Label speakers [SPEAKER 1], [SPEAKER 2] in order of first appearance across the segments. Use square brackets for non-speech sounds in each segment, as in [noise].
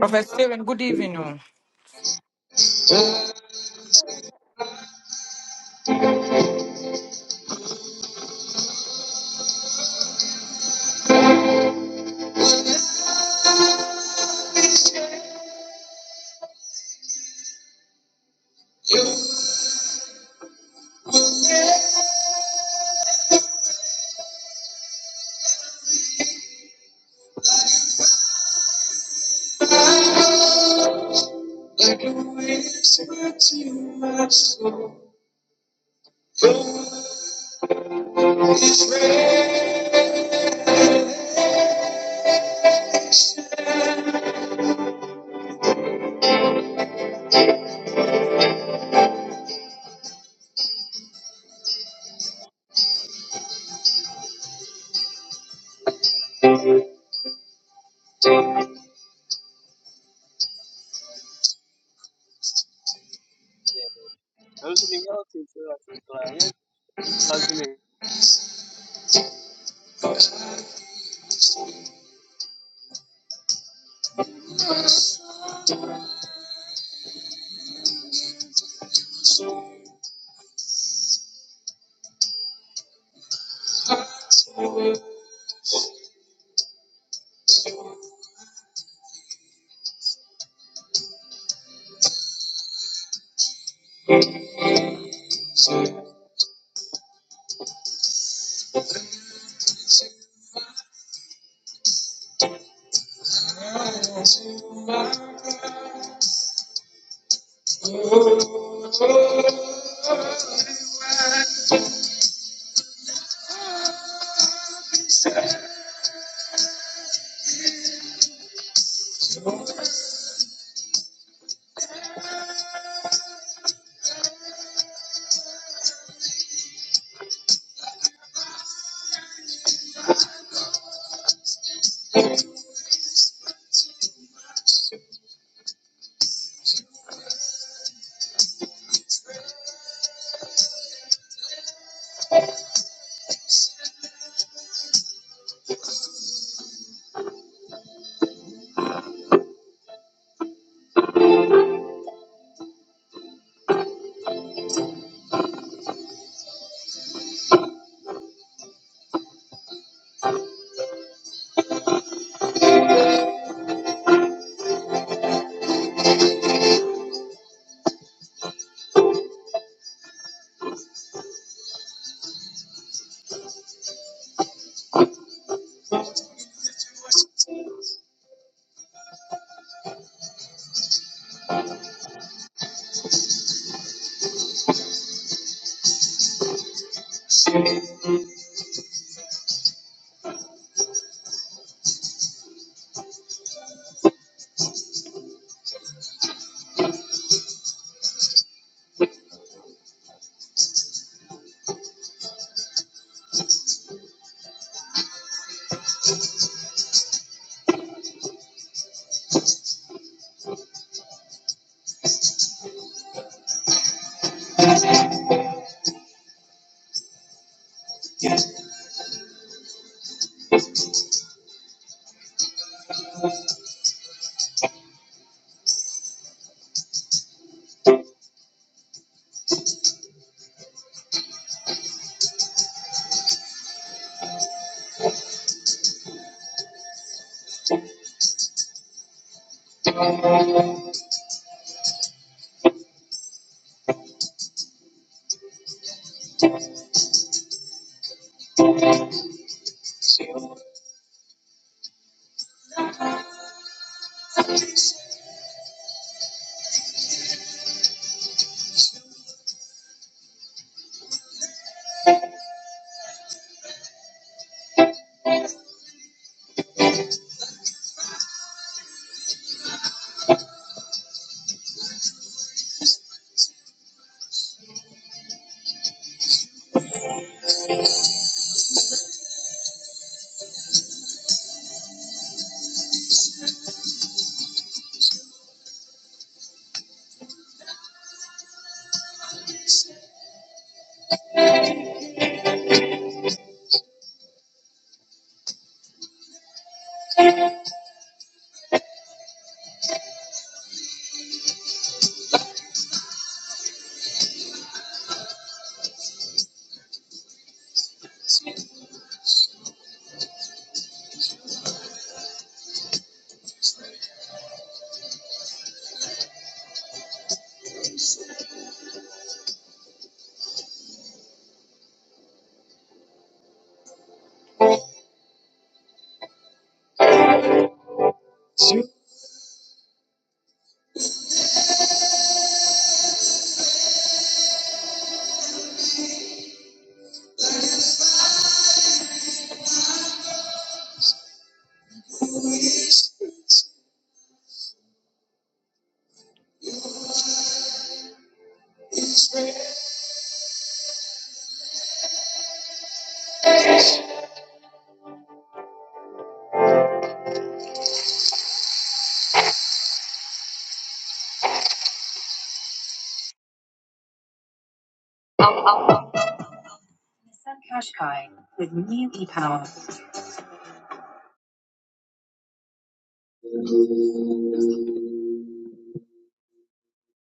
[SPEAKER 1] Prophet Stephen, good evening. oh.
[SPEAKER 2] I was really healthy until like 2008.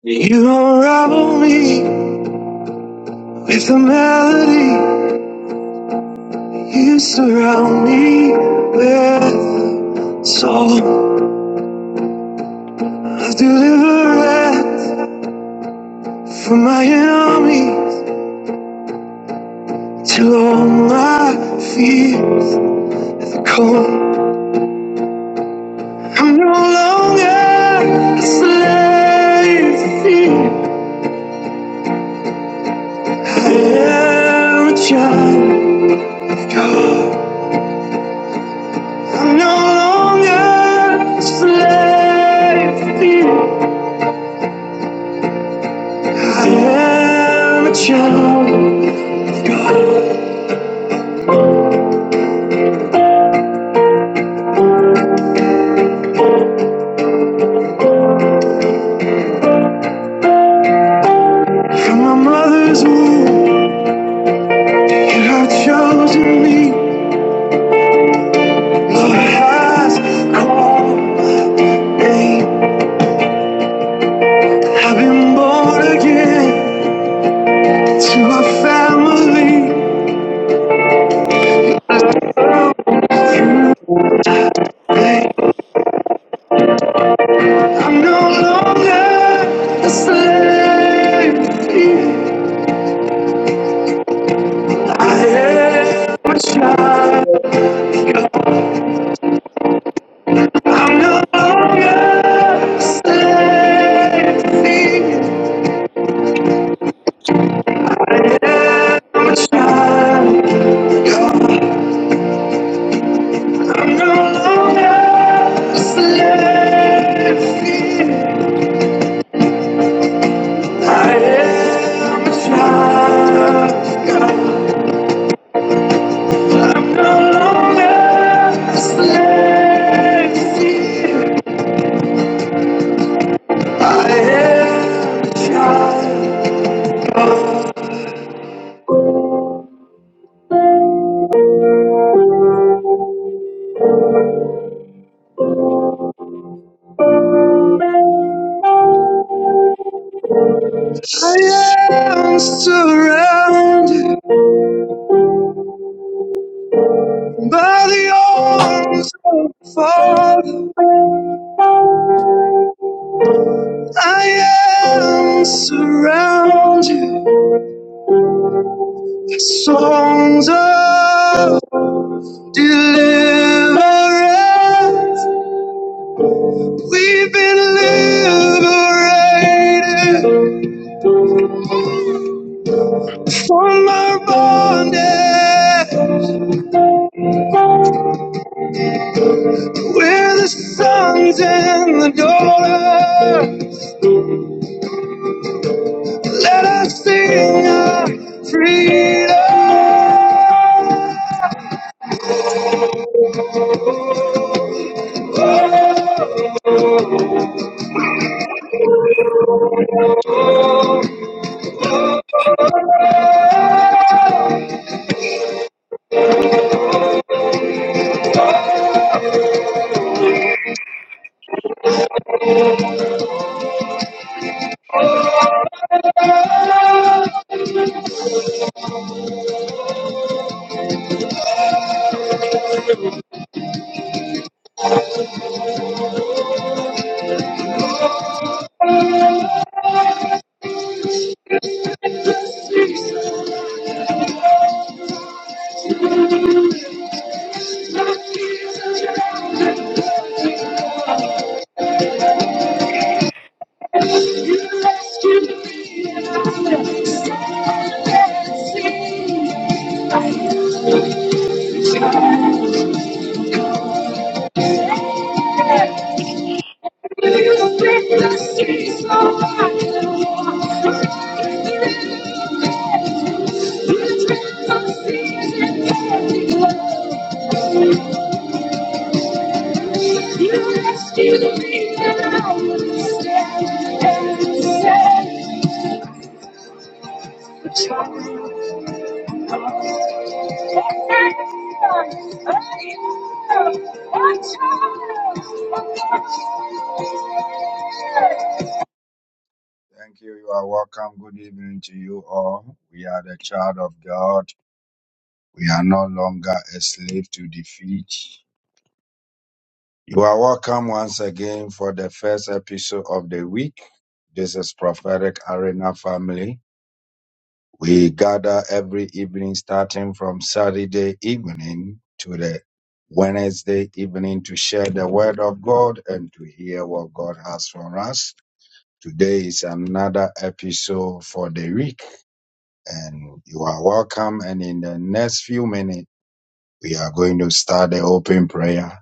[SPEAKER 3] You unravel me with a melody. You surround me with a song. I deliver it from my enemies till all my fears are gone. I'm no longer a slave to fear. I am a child of God. I'm no longer a slave to fear. I am a child of God from my mother's womb. You have chosen me. Love has called my name. I've been born again to a family. I'm no longer a slave. I am a child. I'm no longer a slave. Surrounded by the arms of the Father, I am surrounded. Songs of deliverance. We've been liberated from our bondage. We're the sons and the daughters. Let us sing our freedom. You rescued me. and I let us sing. You rescued me and I would stand and say, Thank you. You are welcome. Good evening to you all. We are the child of God. We are no longer a slave to defeat. You are welcome once again for the first episode of the week. This is Prophetic Arena Family. We gather every evening starting from Saturday evening to the Wednesday evening to share the word of God and to hear what God has for us. Today is another episode for the week. and you are welcome. And in the next few minutes, we are going to start the open prayer.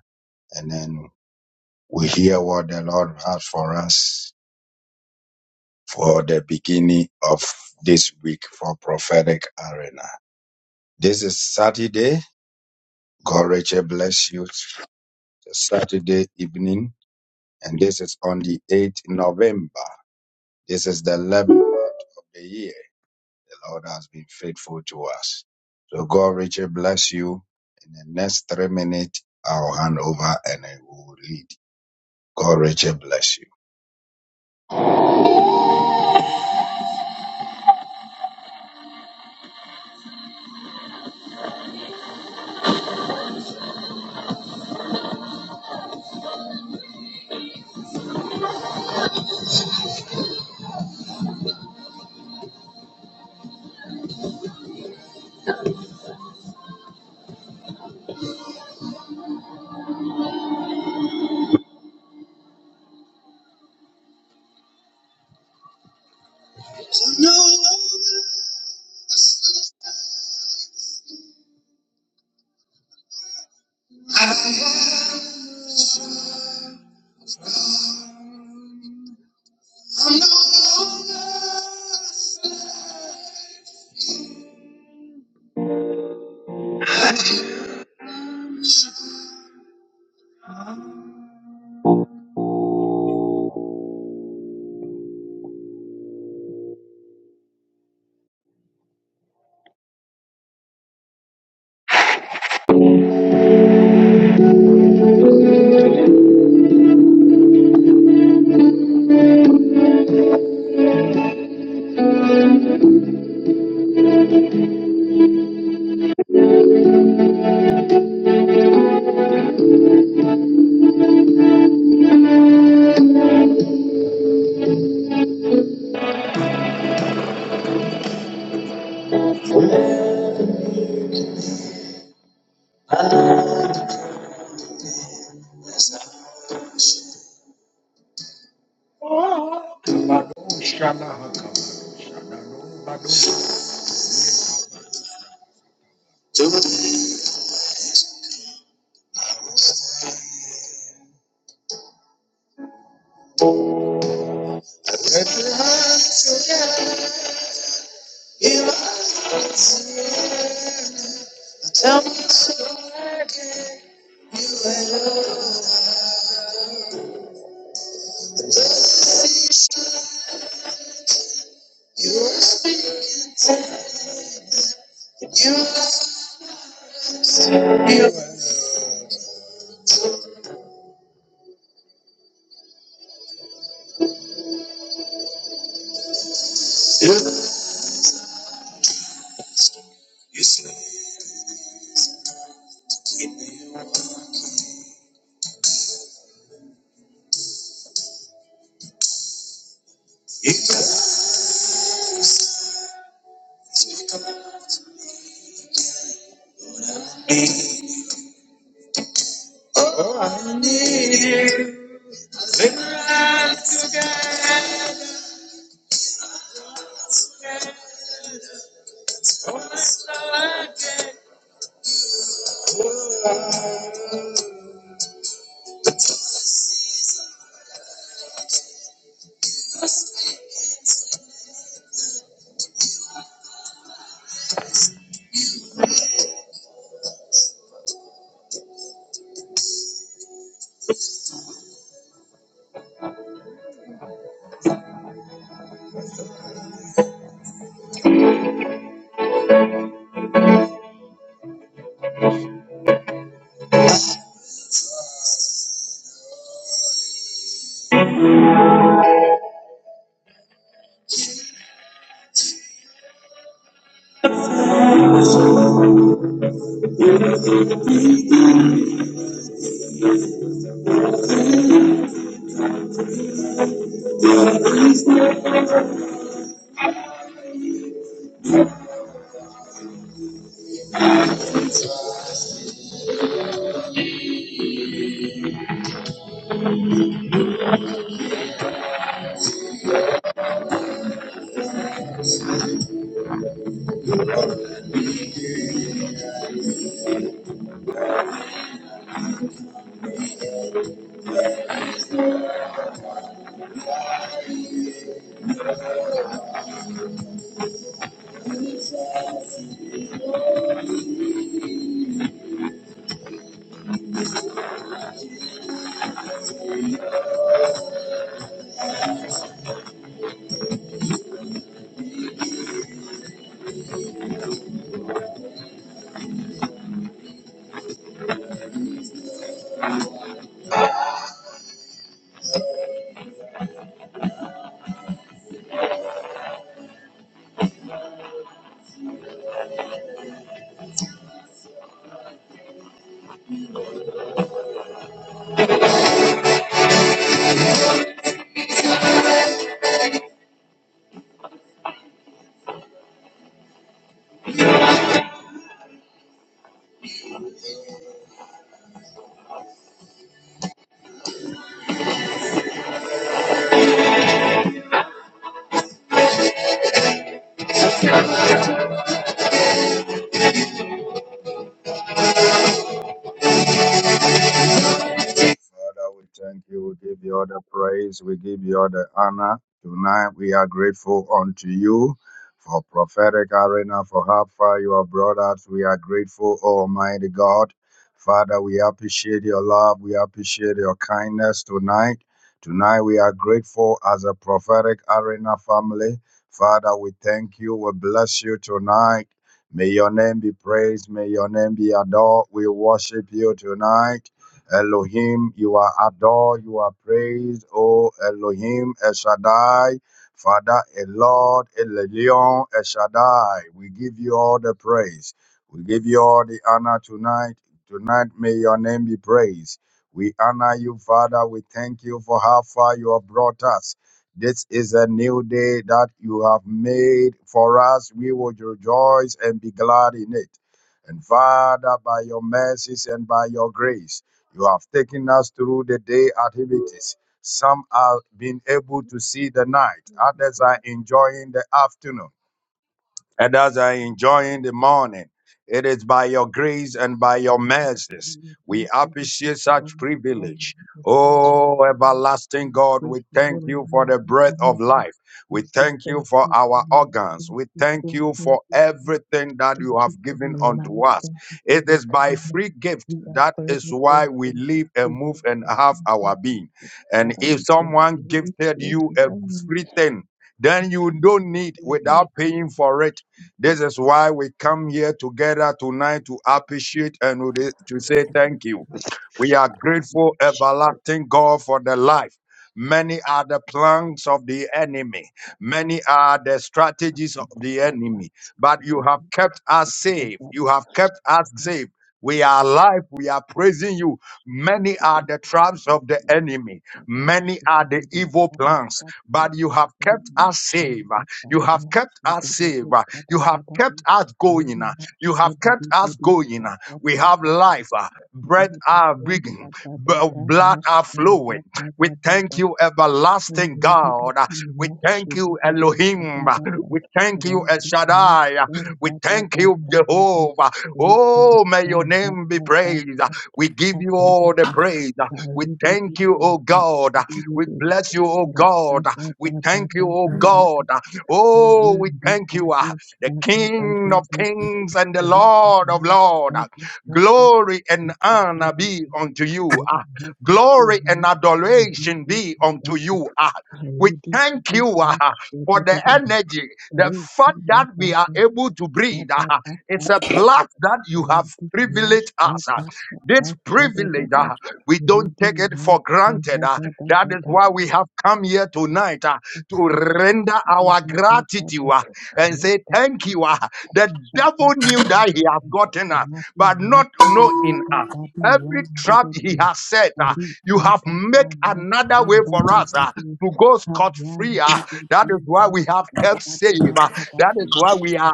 [SPEAKER 3] No, I am no longer you. You- you- all I need.
[SPEAKER 4] Thank you, thank you, we give you all the glory, we exalt you, we we praise you, all of you, we honor you, we say thank you, God, thank you, God, thank you, God, thank you for your love, thank you for your kindness, we are forever grateful, thank you, thank you, Jesus. Father, we thank you, it's Lord, we honor you hold me, like, it, thank you. Thank Thank you.
[SPEAKER 5] Thank
[SPEAKER 4] Already, Lady Shaka da da da da. Rapi ma shaka da da di yan de de de. Ori ka da da ma shaka da da da di. Ha yan de de de ma shaka di da da da di.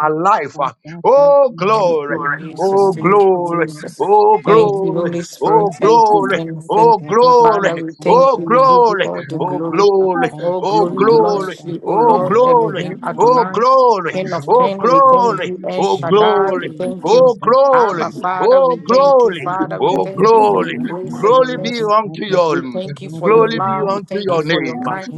[SPEAKER 4] Ri ka da da di ma
[SPEAKER 1] Thank you,
[SPEAKER 4] shaka
[SPEAKER 1] Jesus.
[SPEAKER 4] da da
[SPEAKER 1] Thank
[SPEAKER 4] da
[SPEAKER 1] you,
[SPEAKER 4] da da
[SPEAKER 1] Jesus.
[SPEAKER 4] da.
[SPEAKER 1] Thank you,
[SPEAKER 4] Rapi
[SPEAKER 1] Holy
[SPEAKER 4] ka
[SPEAKER 1] Spirit.
[SPEAKER 4] da
[SPEAKER 1] Thank you,
[SPEAKER 4] da
[SPEAKER 1] King
[SPEAKER 4] ma
[SPEAKER 1] of Kings.
[SPEAKER 4] shaka da da di
[SPEAKER 1] Father, we
[SPEAKER 4] ka da
[SPEAKER 1] thank
[SPEAKER 4] da
[SPEAKER 1] you. We
[SPEAKER 4] da.
[SPEAKER 1] give you all the
[SPEAKER 4] Ra pa
[SPEAKER 1] glory.
[SPEAKER 4] pa pa
[SPEAKER 1] All
[SPEAKER 4] shaka
[SPEAKER 1] glory
[SPEAKER 4] da da
[SPEAKER 1] belongs
[SPEAKER 4] da.
[SPEAKER 1] to you, O Lord
[SPEAKER 4] Ra da
[SPEAKER 1] Elohim
[SPEAKER 4] pa pa
[SPEAKER 1] Adonai,
[SPEAKER 4] pa
[SPEAKER 1] King of
[SPEAKER 4] yan
[SPEAKER 1] Kings.
[SPEAKER 4] de
[SPEAKER 1] We
[SPEAKER 4] de de.
[SPEAKER 1] thank you, El Shaddai. We thank you, Abba, Father. We thank you, Father. We thank you
[SPEAKER 5] you for
[SPEAKER 1] for your
[SPEAKER 5] blessing me.
[SPEAKER 1] grace and your mercy. We thank you for your love. We thank you for your kindness.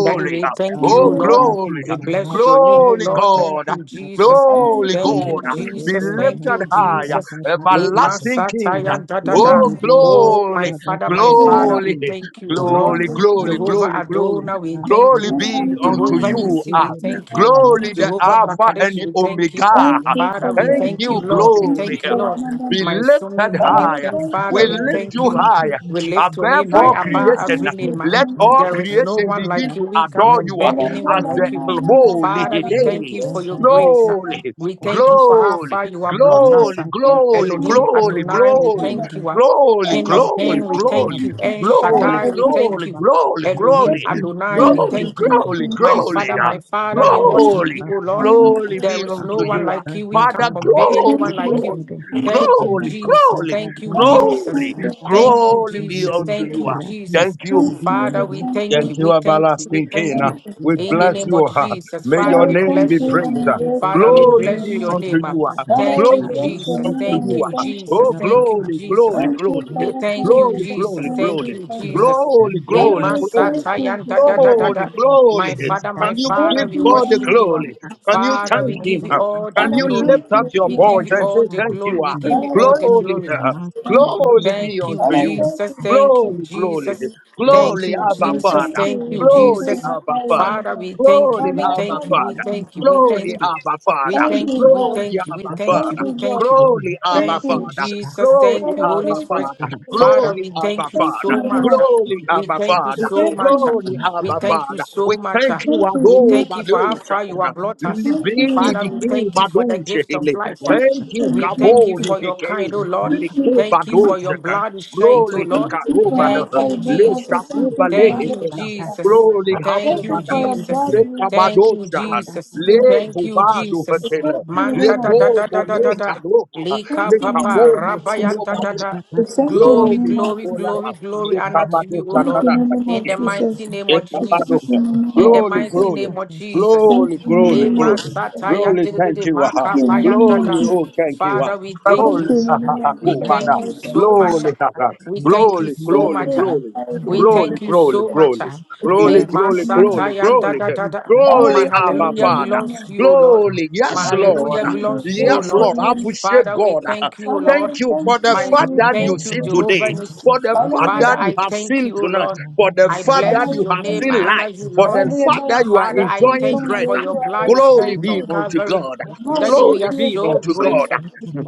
[SPEAKER 1] Daddy, we
[SPEAKER 5] Thank
[SPEAKER 1] thank
[SPEAKER 5] you
[SPEAKER 1] you,
[SPEAKER 5] for
[SPEAKER 1] Lord.
[SPEAKER 5] another day.
[SPEAKER 1] We bless your name, O Lord. Thank you, Jesus.
[SPEAKER 5] Father, we
[SPEAKER 1] Thank
[SPEAKER 5] thank
[SPEAKER 1] you,
[SPEAKER 5] you,
[SPEAKER 1] Jesus. Thank you, Jesus. Lema sataya da da da. Oh, my Father, my Father, we thank you, O Lord. Jehovah Adonai, we thank you. Jehovah Nissi, we thank you. Jehovah Brakadesh, we thank you. Father, we thank you, Lord. We thank you, Lord. My assuming coming King, Father, we
[SPEAKER 5] Lord. We
[SPEAKER 1] thank you.
[SPEAKER 5] thank you.
[SPEAKER 1] We lift your name high
[SPEAKER 5] Thank you, we
[SPEAKER 1] above every
[SPEAKER 5] thank you, we
[SPEAKER 1] name.
[SPEAKER 5] thank you for
[SPEAKER 1] There is
[SPEAKER 5] this.
[SPEAKER 1] no one like you. We can compare
[SPEAKER 5] Father, not
[SPEAKER 1] anyone
[SPEAKER 5] by
[SPEAKER 1] like you.
[SPEAKER 5] might, not by
[SPEAKER 1] Father,
[SPEAKER 5] power,
[SPEAKER 1] we
[SPEAKER 5] but your
[SPEAKER 1] thank you for
[SPEAKER 5] grace
[SPEAKER 1] your
[SPEAKER 5] and mercy.
[SPEAKER 1] grace.
[SPEAKER 5] Lord,
[SPEAKER 1] We
[SPEAKER 5] for us.
[SPEAKER 1] thank you for how far you have brought
[SPEAKER 5] Father,
[SPEAKER 1] us.
[SPEAKER 5] we thank you, we thank
[SPEAKER 1] Elohim
[SPEAKER 5] you, we thank
[SPEAKER 1] Adonai,
[SPEAKER 5] you,
[SPEAKER 1] we
[SPEAKER 5] Father.
[SPEAKER 1] thank
[SPEAKER 4] Thank
[SPEAKER 1] you. King of
[SPEAKER 5] Everything
[SPEAKER 1] men, we
[SPEAKER 5] that
[SPEAKER 1] thank
[SPEAKER 5] we
[SPEAKER 1] you.
[SPEAKER 5] do,
[SPEAKER 1] El
[SPEAKER 4] ba ba
[SPEAKER 5] Father,
[SPEAKER 4] ba
[SPEAKER 1] Shaddai,
[SPEAKER 5] we
[SPEAKER 1] we
[SPEAKER 5] thank you.
[SPEAKER 4] ba
[SPEAKER 1] thank
[SPEAKER 4] ba.
[SPEAKER 1] you.
[SPEAKER 4] Ridi di
[SPEAKER 5] Thank
[SPEAKER 1] Elohim
[SPEAKER 4] di da
[SPEAKER 1] Adonai,
[SPEAKER 5] you,
[SPEAKER 4] da
[SPEAKER 1] we
[SPEAKER 5] thank
[SPEAKER 4] da
[SPEAKER 5] you,
[SPEAKER 1] thank
[SPEAKER 4] da.
[SPEAKER 1] you.
[SPEAKER 5] thank
[SPEAKER 1] My
[SPEAKER 5] you,
[SPEAKER 1] Father,
[SPEAKER 4] Rima
[SPEAKER 1] my
[SPEAKER 4] sha
[SPEAKER 1] Father, we
[SPEAKER 4] da ba
[SPEAKER 5] thank
[SPEAKER 1] worship
[SPEAKER 5] you,
[SPEAKER 1] you,
[SPEAKER 4] ba
[SPEAKER 1] O
[SPEAKER 4] ba
[SPEAKER 1] Lord.
[SPEAKER 4] ba ba.
[SPEAKER 1] There is no one
[SPEAKER 4] Aya
[SPEAKER 1] like
[SPEAKER 4] ka
[SPEAKER 1] you.
[SPEAKER 4] da
[SPEAKER 1] We can't
[SPEAKER 4] da ma
[SPEAKER 1] compare
[SPEAKER 5] thank
[SPEAKER 4] shi
[SPEAKER 1] anyone
[SPEAKER 4] da
[SPEAKER 1] like
[SPEAKER 5] you.
[SPEAKER 4] da
[SPEAKER 1] you.
[SPEAKER 4] da.
[SPEAKER 5] thank you.
[SPEAKER 1] Thank
[SPEAKER 4] Ra
[SPEAKER 1] you,
[SPEAKER 4] da
[SPEAKER 1] Jesus.
[SPEAKER 4] da da
[SPEAKER 1] Thank you,
[SPEAKER 4] da
[SPEAKER 5] And I
[SPEAKER 4] ma
[SPEAKER 5] will
[SPEAKER 4] sha
[SPEAKER 1] Jesus.
[SPEAKER 5] thank
[SPEAKER 4] da
[SPEAKER 5] you,
[SPEAKER 4] da pa
[SPEAKER 1] Thank
[SPEAKER 4] pa
[SPEAKER 1] you,
[SPEAKER 4] pa ye
[SPEAKER 1] Jesus.
[SPEAKER 4] de.
[SPEAKER 1] Thank you,
[SPEAKER 4] Ra di
[SPEAKER 1] Jesus.
[SPEAKER 4] ka
[SPEAKER 5] thank you,
[SPEAKER 4] di
[SPEAKER 5] thank
[SPEAKER 4] ya
[SPEAKER 1] Father,
[SPEAKER 4] ma
[SPEAKER 1] we
[SPEAKER 4] sha
[SPEAKER 1] thank
[SPEAKER 5] you,
[SPEAKER 1] you.
[SPEAKER 4] da
[SPEAKER 1] We
[SPEAKER 4] pa
[SPEAKER 1] thank
[SPEAKER 4] pa
[SPEAKER 1] you.
[SPEAKER 4] pa.
[SPEAKER 1] We thank
[SPEAKER 4] Ra
[SPEAKER 1] you.
[SPEAKER 5] thank you,
[SPEAKER 4] di
[SPEAKER 1] In
[SPEAKER 4] ka
[SPEAKER 1] the
[SPEAKER 5] thank you.
[SPEAKER 4] da
[SPEAKER 1] name of
[SPEAKER 4] da da da
[SPEAKER 1] Jesus.
[SPEAKER 4] da
[SPEAKER 5] And I
[SPEAKER 1] Father,
[SPEAKER 4] da.
[SPEAKER 5] will
[SPEAKER 1] we
[SPEAKER 5] thank
[SPEAKER 4] Ri
[SPEAKER 5] you
[SPEAKER 1] bless you.
[SPEAKER 5] and
[SPEAKER 4] se
[SPEAKER 5] I
[SPEAKER 4] de
[SPEAKER 5] bless
[SPEAKER 4] be
[SPEAKER 1] Father,
[SPEAKER 4] de
[SPEAKER 1] we
[SPEAKER 5] you,
[SPEAKER 4] ri
[SPEAKER 5] your
[SPEAKER 1] bless
[SPEAKER 5] name.
[SPEAKER 1] your
[SPEAKER 4] da da
[SPEAKER 1] name.
[SPEAKER 4] da da.
[SPEAKER 5] And
[SPEAKER 1] Thank
[SPEAKER 5] I will
[SPEAKER 1] you,
[SPEAKER 4] Ali
[SPEAKER 5] bless
[SPEAKER 4] di
[SPEAKER 5] your
[SPEAKER 1] Jesus.
[SPEAKER 4] di
[SPEAKER 5] name
[SPEAKER 4] di
[SPEAKER 5] and
[SPEAKER 1] Thank
[SPEAKER 5] we
[SPEAKER 4] ma
[SPEAKER 1] you,
[SPEAKER 5] thank
[SPEAKER 4] sha
[SPEAKER 5] your
[SPEAKER 1] Jesus.
[SPEAKER 4] da pa
[SPEAKER 5] name.
[SPEAKER 1] Thank you,
[SPEAKER 4] pa pa pa.
[SPEAKER 1] Jesus.
[SPEAKER 5] Thank you,
[SPEAKER 1] They
[SPEAKER 5] Father, for
[SPEAKER 1] thank
[SPEAKER 5] your
[SPEAKER 1] you,
[SPEAKER 5] blessing.
[SPEAKER 1] Jesus.
[SPEAKER 5] Thank
[SPEAKER 1] Thank
[SPEAKER 5] you,
[SPEAKER 1] you,
[SPEAKER 5] Father.
[SPEAKER 1] Jesus.
[SPEAKER 4] Rachanda
[SPEAKER 1] They
[SPEAKER 5] And I will thank
[SPEAKER 1] masata
[SPEAKER 5] you,
[SPEAKER 1] yanda da
[SPEAKER 5] Jesus.
[SPEAKER 4] de
[SPEAKER 1] da da
[SPEAKER 4] de
[SPEAKER 5] Thank
[SPEAKER 1] da.
[SPEAKER 4] de
[SPEAKER 5] you.
[SPEAKER 1] My Father,
[SPEAKER 4] rada
[SPEAKER 1] my
[SPEAKER 4] da
[SPEAKER 1] Father,
[SPEAKER 4] pa
[SPEAKER 5] Thank
[SPEAKER 1] we
[SPEAKER 4] pa
[SPEAKER 5] you, and I
[SPEAKER 4] pa
[SPEAKER 1] worship
[SPEAKER 5] will
[SPEAKER 4] pa
[SPEAKER 1] you.
[SPEAKER 5] thank
[SPEAKER 4] pa pa
[SPEAKER 5] you.
[SPEAKER 1] Father, we
[SPEAKER 4] ya
[SPEAKER 1] give
[SPEAKER 4] da
[SPEAKER 1] you
[SPEAKER 4] pa
[SPEAKER 1] all the
[SPEAKER 5] And I
[SPEAKER 4] sanda
[SPEAKER 1] glory.
[SPEAKER 5] thank
[SPEAKER 4] pa
[SPEAKER 5] you,
[SPEAKER 4] de
[SPEAKER 1] We
[SPEAKER 4] pa
[SPEAKER 1] give you
[SPEAKER 4] da
[SPEAKER 5] Jesus.
[SPEAKER 1] all the glory. We
[SPEAKER 4] da ra
[SPEAKER 1] give you
[SPEAKER 5] Father,
[SPEAKER 4] di
[SPEAKER 1] all the
[SPEAKER 4] di
[SPEAKER 5] thank you,
[SPEAKER 4] di
[SPEAKER 1] glory.
[SPEAKER 5] thank
[SPEAKER 4] ma
[SPEAKER 5] you,
[SPEAKER 4] de
[SPEAKER 5] thank
[SPEAKER 4] de de
[SPEAKER 5] you.
[SPEAKER 4] de
[SPEAKER 1] Thank you,
[SPEAKER 5] Father,
[SPEAKER 4] ri
[SPEAKER 5] thank you,
[SPEAKER 1] Jesus.
[SPEAKER 4] pa
[SPEAKER 5] Jesus,
[SPEAKER 1] Thank
[SPEAKER 5] thank
[SPEAKER 1] you, Jesus.
[SPEAKER 5] you.
[SPEAKER 4] o si
[SPEAKER 1] Thank you,
[SPEAKER 5] Father, we
[SPEAKER 4] de
[SPEAKER 1] Jesus.
[SPEAKER 4] de
[SPEAKER 5] thank you,
[SPEAKER 1] Thank
[SPEAKER 4] de
[SPEAKER 1] you,
[SPEAKER 5] we
[SPEAKER 4] da
[SPEAKER 5] thank you,
[SPEAKER 4] da
[SPEAKER 1] Jesus.
[SPEAKER 5] not my reason.
[SPEAKER 1] Father, we
[SPEAKER 4] da da
[SPEAKER 1] thank
[SPEAKER 4] da
[SPEAKER 1] you.
[SPEAKER 4] da
[SPEAKER 1] We
[SPEAKER 5] Father,
[SPEAKER 1] thank
[SPEAKER 5] not
[SPEAKER 1] you.
[SPEAKER 5] by
[SPEAKER 1] We
[SPEAKER 5] hand,
[SPEAKER 1] thank you. We
[SPEAKER 5] thank you.
[SPEAKER 1] thank you. We
[SPEAKER 5] Thank
[SPEAKER 1] thank
[SPEAKER 5] you,
[SPEAKER 1] you. We
[SPEAKER 5] God.
[SPEAKER 1] thank you.
[SPEAKER 4] da
[SPEAKER 1] We
[SPEAKER 4] da da
[SPEAKER 1] thank you.
[SPEAKER 5] Thank
[SPEAKER 4] da
[SPEAKER 1] We
[SPEAKER 5] you, God.
[SPEAKER 1] thank
[SPEAKER 4] o
[SPEAKER 1] you.
[SPEAKER 4] le de de
[SPEAKER 5] Thank
[SPEAKER 1] Thank
[SPEAKER 4] de
[SPEAKER 1] you,
[SPEAKER 5] you.
[SPEAKER 4] sa
[SPEAKER 1] Jesus.
[SPEAKER 4] da da
[SPEAKER 1] Thank you,
[SPEAKER 5] Father,
[SPEAKER 1] Holy
[SPEAKER 5] thank
[SPEAKER 1] Spirit.
[SPEAKER 4] ra
[SPEAKER 5] you.
[SPEAKER 4] ka da
[SPEAKER 1] Father, we
[SPEAKER 4] da da
[SPEAKER 1] thank
[SPEAKER 4] da
[SPEAKER 1] you
[SPEAKER 5] Thank
[SPEAKER 4] da
[SPEAKER 1] so
[SPEAKER 5] you,
[SPEAKER 4] da
[SPEAKER 1] much.
[SPEAKER 5] Lord.
[SPEAKER 1] ah.
[SPEAKER 5] Thank
[SPEAKER 4] ma
[SPEAKER 1] We
[SPEAKER 4] Rachana
[SPEAKER 1] thank you
[SPEAKER 5] you, Lord.
[SPEAKER 1] so
[SPEAKER 5] Thank
[SPEAKER 4] Papadini
[SPEAKER 1] much. ah.
[SPEAKER 5] you,
[SPEAKER 4] Radata da
[SPEAKER 1] We
[SPEAKER 4] da
[SPEAKER 1] thank you so much. ah.
[SPEAKER 5] Lord. Thank you, Lord. Thank
[SPEAKER 4] Pasanda
[SPEAKER 1] We thank you for how far you have
[SPEAKER 4] da Padana Radibidi Matadini da
[SPEAKER 1] brought
[SPEAKER 4] Os
[SPEAKER 1] us.
[SPEAKER 4] Rakata
[SPEAKER 1] Father, we thank you
[SPEAKER 4] Thank
[SPEAKER 1] for the gift of life. ah. We
[SPEAKER 5] you,
[SPEAKER 1] thank you
[SPEAKER 5] Lord.
[SPEAKER 1] for your kind, oh Lord.
[SPEAKER 5] Thank you,
[SPEAKER 1] Thank you
[SPEAKER 5] Lord.
[SPEAKER 1] for your blood you shed, oh Lord.
[SPEAKER 5] Thank you for
[SPEAKER 1] Thank you,
[SPEAKER 5] outside better to
[SPEAKER 1] Jesus.
[SPEAKER 5] thank you for my
[SPEAKER 1] Thank you,
[SPEAKER 5] blessed sister.
[SPEAKER 1] Jesus. Thank
[SPEAKER 5] Thank you
[SPEAKER 1] you,
[SPEAKER 5] for your
[SPEAKER 1] Jesus.
[SPEAKER 5] blood you
[SPEAKER 1] Thank you,
[SPEAKER 5] to put
[SPEAKER 1] Jesus.
[SPEAKER 5] in me.
[SPEAKER 1] Thank you,
[SPEAKER 5] We
[SPEAKER 1] Jesus.
[SPEAKER 5] Thank you in the
[SPEAKER 1] Man da
[SPEAKER 5] name
[SPEAKER 1] da
[SPEAKER 5] of
[SPEAKER 1] da da da da da
[SPEAKER 5] Jesus.
[SPEAKER 1] da.
[SPEAKER 5] We Thank
[SPEAKER 1] Lika
[SPEAKER 5] you in the
[SPEAKER 1] papa
[SPEAKER 5] name of Jesus.
[SPEAKER 1] rabayan da da da.
[SPEAKER 5] We Thank you in the
[SPEAKER 1] Glory,
[SPEAKER 5] name
[SPEAKER 1] glory,
[SPEAKER 5] of Jesus.
[SPEAKER 1] glory, glory, honor to you, O
[SPEAKER 5] Thank you
[SPEAKER 1] Lord.
[SPEAKER 5] in the name
[SPEAKER 1] In
[SPEAKER 5] of
[SPEAKER 1] the mighty
[SPEAKER 5] Jesus.
[SPEAKER 1] name of
[SPEAKER 5] We Thank you
[SPEAKER 1] Jesus.
[SPEAKER 5] in the name
[SPEAKER 1] In the
[SPEAKER 5] of Jesus.
[SPEAKER 1] mighty name of Jesus.
[SPEAKER 5] Thank you in the
[SPEAKER 1] Le
[SPEAKER 5] name of Jesus.
[SPEAKER 1] masata
[SPEAKER 4] you.
[SPEAKER 1] yan de de de de,
[SPEAKER 5] Thank
[SPEAKER 1] maka
[SPEAKER 5] you in
[SPEAKER 1] pa
[SPEAKER 5] the
[SPEAKER 4] Yeah,
[SPEAKER 1] yan
[SPEAKER 5] name
[SPEAKER 1] da
[SPEAKER 5] of
[SPEAKER 1] da.
[SPEAKER 5] Jesus.
[SPEAKER 1] Father, we thank
[SPEAKER 5] Thank you
[SPEAKER 1] you.
[SPEAKER 5] in the name of
[SPEAKER 1] We
[SPEAKER 5] Jesus.
[SPEAKER 1] thank
[SPEAKER 5] Father,
[SPEAKER 1] you
[SPEAKER 5] we thank you. in
[SPEAKER 1] so
[SPEAKER 5] the name of
[SPEAKER 1] much. ah.
[SPEAKER 5] Jesus.
[SPEAKER 1] We thank you so
[SPEAKER 5] Those who
[SPEAKER 1] much.
[SPEAKER 5] have
[SPEAKER 1] ah.
[SPEAKER 5] carried the
[SPEAKER 1] We
[SPEAKER 5] name of
[SPEAKER 1] thank you so
[SPEAKER 5] Jesus,
[SPEAKER 1] much. ah.
[SPEAKER 5] the
[SPEAKER 1] Le
[SPEAKER 5] saints in the name of
[SPEAKER 1] masata
[SPEAKER 5] Jesus.
[SPEAKER 1] yanda da da da.
[SPEAKER 5] Father,
[SPEAKER 1] My
[SPEAKER 5] we Thank you.
[SPEAKER 1] hallelujah
[SPEAKER 5] in the name
[SPEAKER 1] belongs
[SPEAKER 5] of
[SPEAKER 1] to you, O
[SPEAKER 5] Jesus.
[SPEAKER 1] Lord. My
[SPEAKER 5] Father, we
[SPEAKER 1] hallelujah
[SPEAKER 5] thank you,
[SPEAKER 1] belongs to you, O
[SPEAKER 5] bless your
[SPEAKER 1] Lord.
[SPEAKER 5] name.
[SPEAKER 1] Father, we thank you, O
[SPEAKER 5] Father,
[SPEAKER 1] Lord.
[SPEAKER 5] we thank you
[SPEAKER 1] My
[SPEAKER 5] and we
[SPEAKER 1] thank
[SPEAKER 5] bless
[SPEAKER 1] you,
[SPEAKER 5] your name.
[SPEAKER 1] Jehovah. Nissi.
[SPEAKER 5] Father, we
[SPEAKER 1] Father,
[SPEAKER 5] thank
[SPEAKER 1] I
[SPEAKER 5] you.
[SPEAKER 1] thank you, O Lord. I
[SPEAKER 5] Father,
[SPEAKER 1] bless
[SPEAKER 5] we
[SPEAKER 1] your
[SPEAKER 5] thank
[SPEAKER 1] name. I
[SPEAKER 5] you.
[SPEAKER 1] honor you, Lord.
[SPEAKER 5] Father, we bless you. We
[SPEAKER 1] Father,
[SPEAKER 5] are
[SPEAKER 1] I
[SPEAKER 5] confirmed
[SPEAKER 1] thank you for
[SPEAKER 5] where
[SPEAKER 1] your
[SPEAKER 5] you are, we
[SPEAKER 1] blood
[SPEAKER 5] are
[SPEAKER 1] shed on
[SPEAKER 5] confirmed.
[SPEAKER 1] Calvary.
[SPEAKER 5] The more we
[SPEAKER 1] Daddy, we
[SPEAKER 5] bless
[SPEAKER 1] are
[SPEAKER 5] you, we are
[SPEAKER 1] so
[SPEAKER 5] confirmed.
[SPEAKER 1] grateful.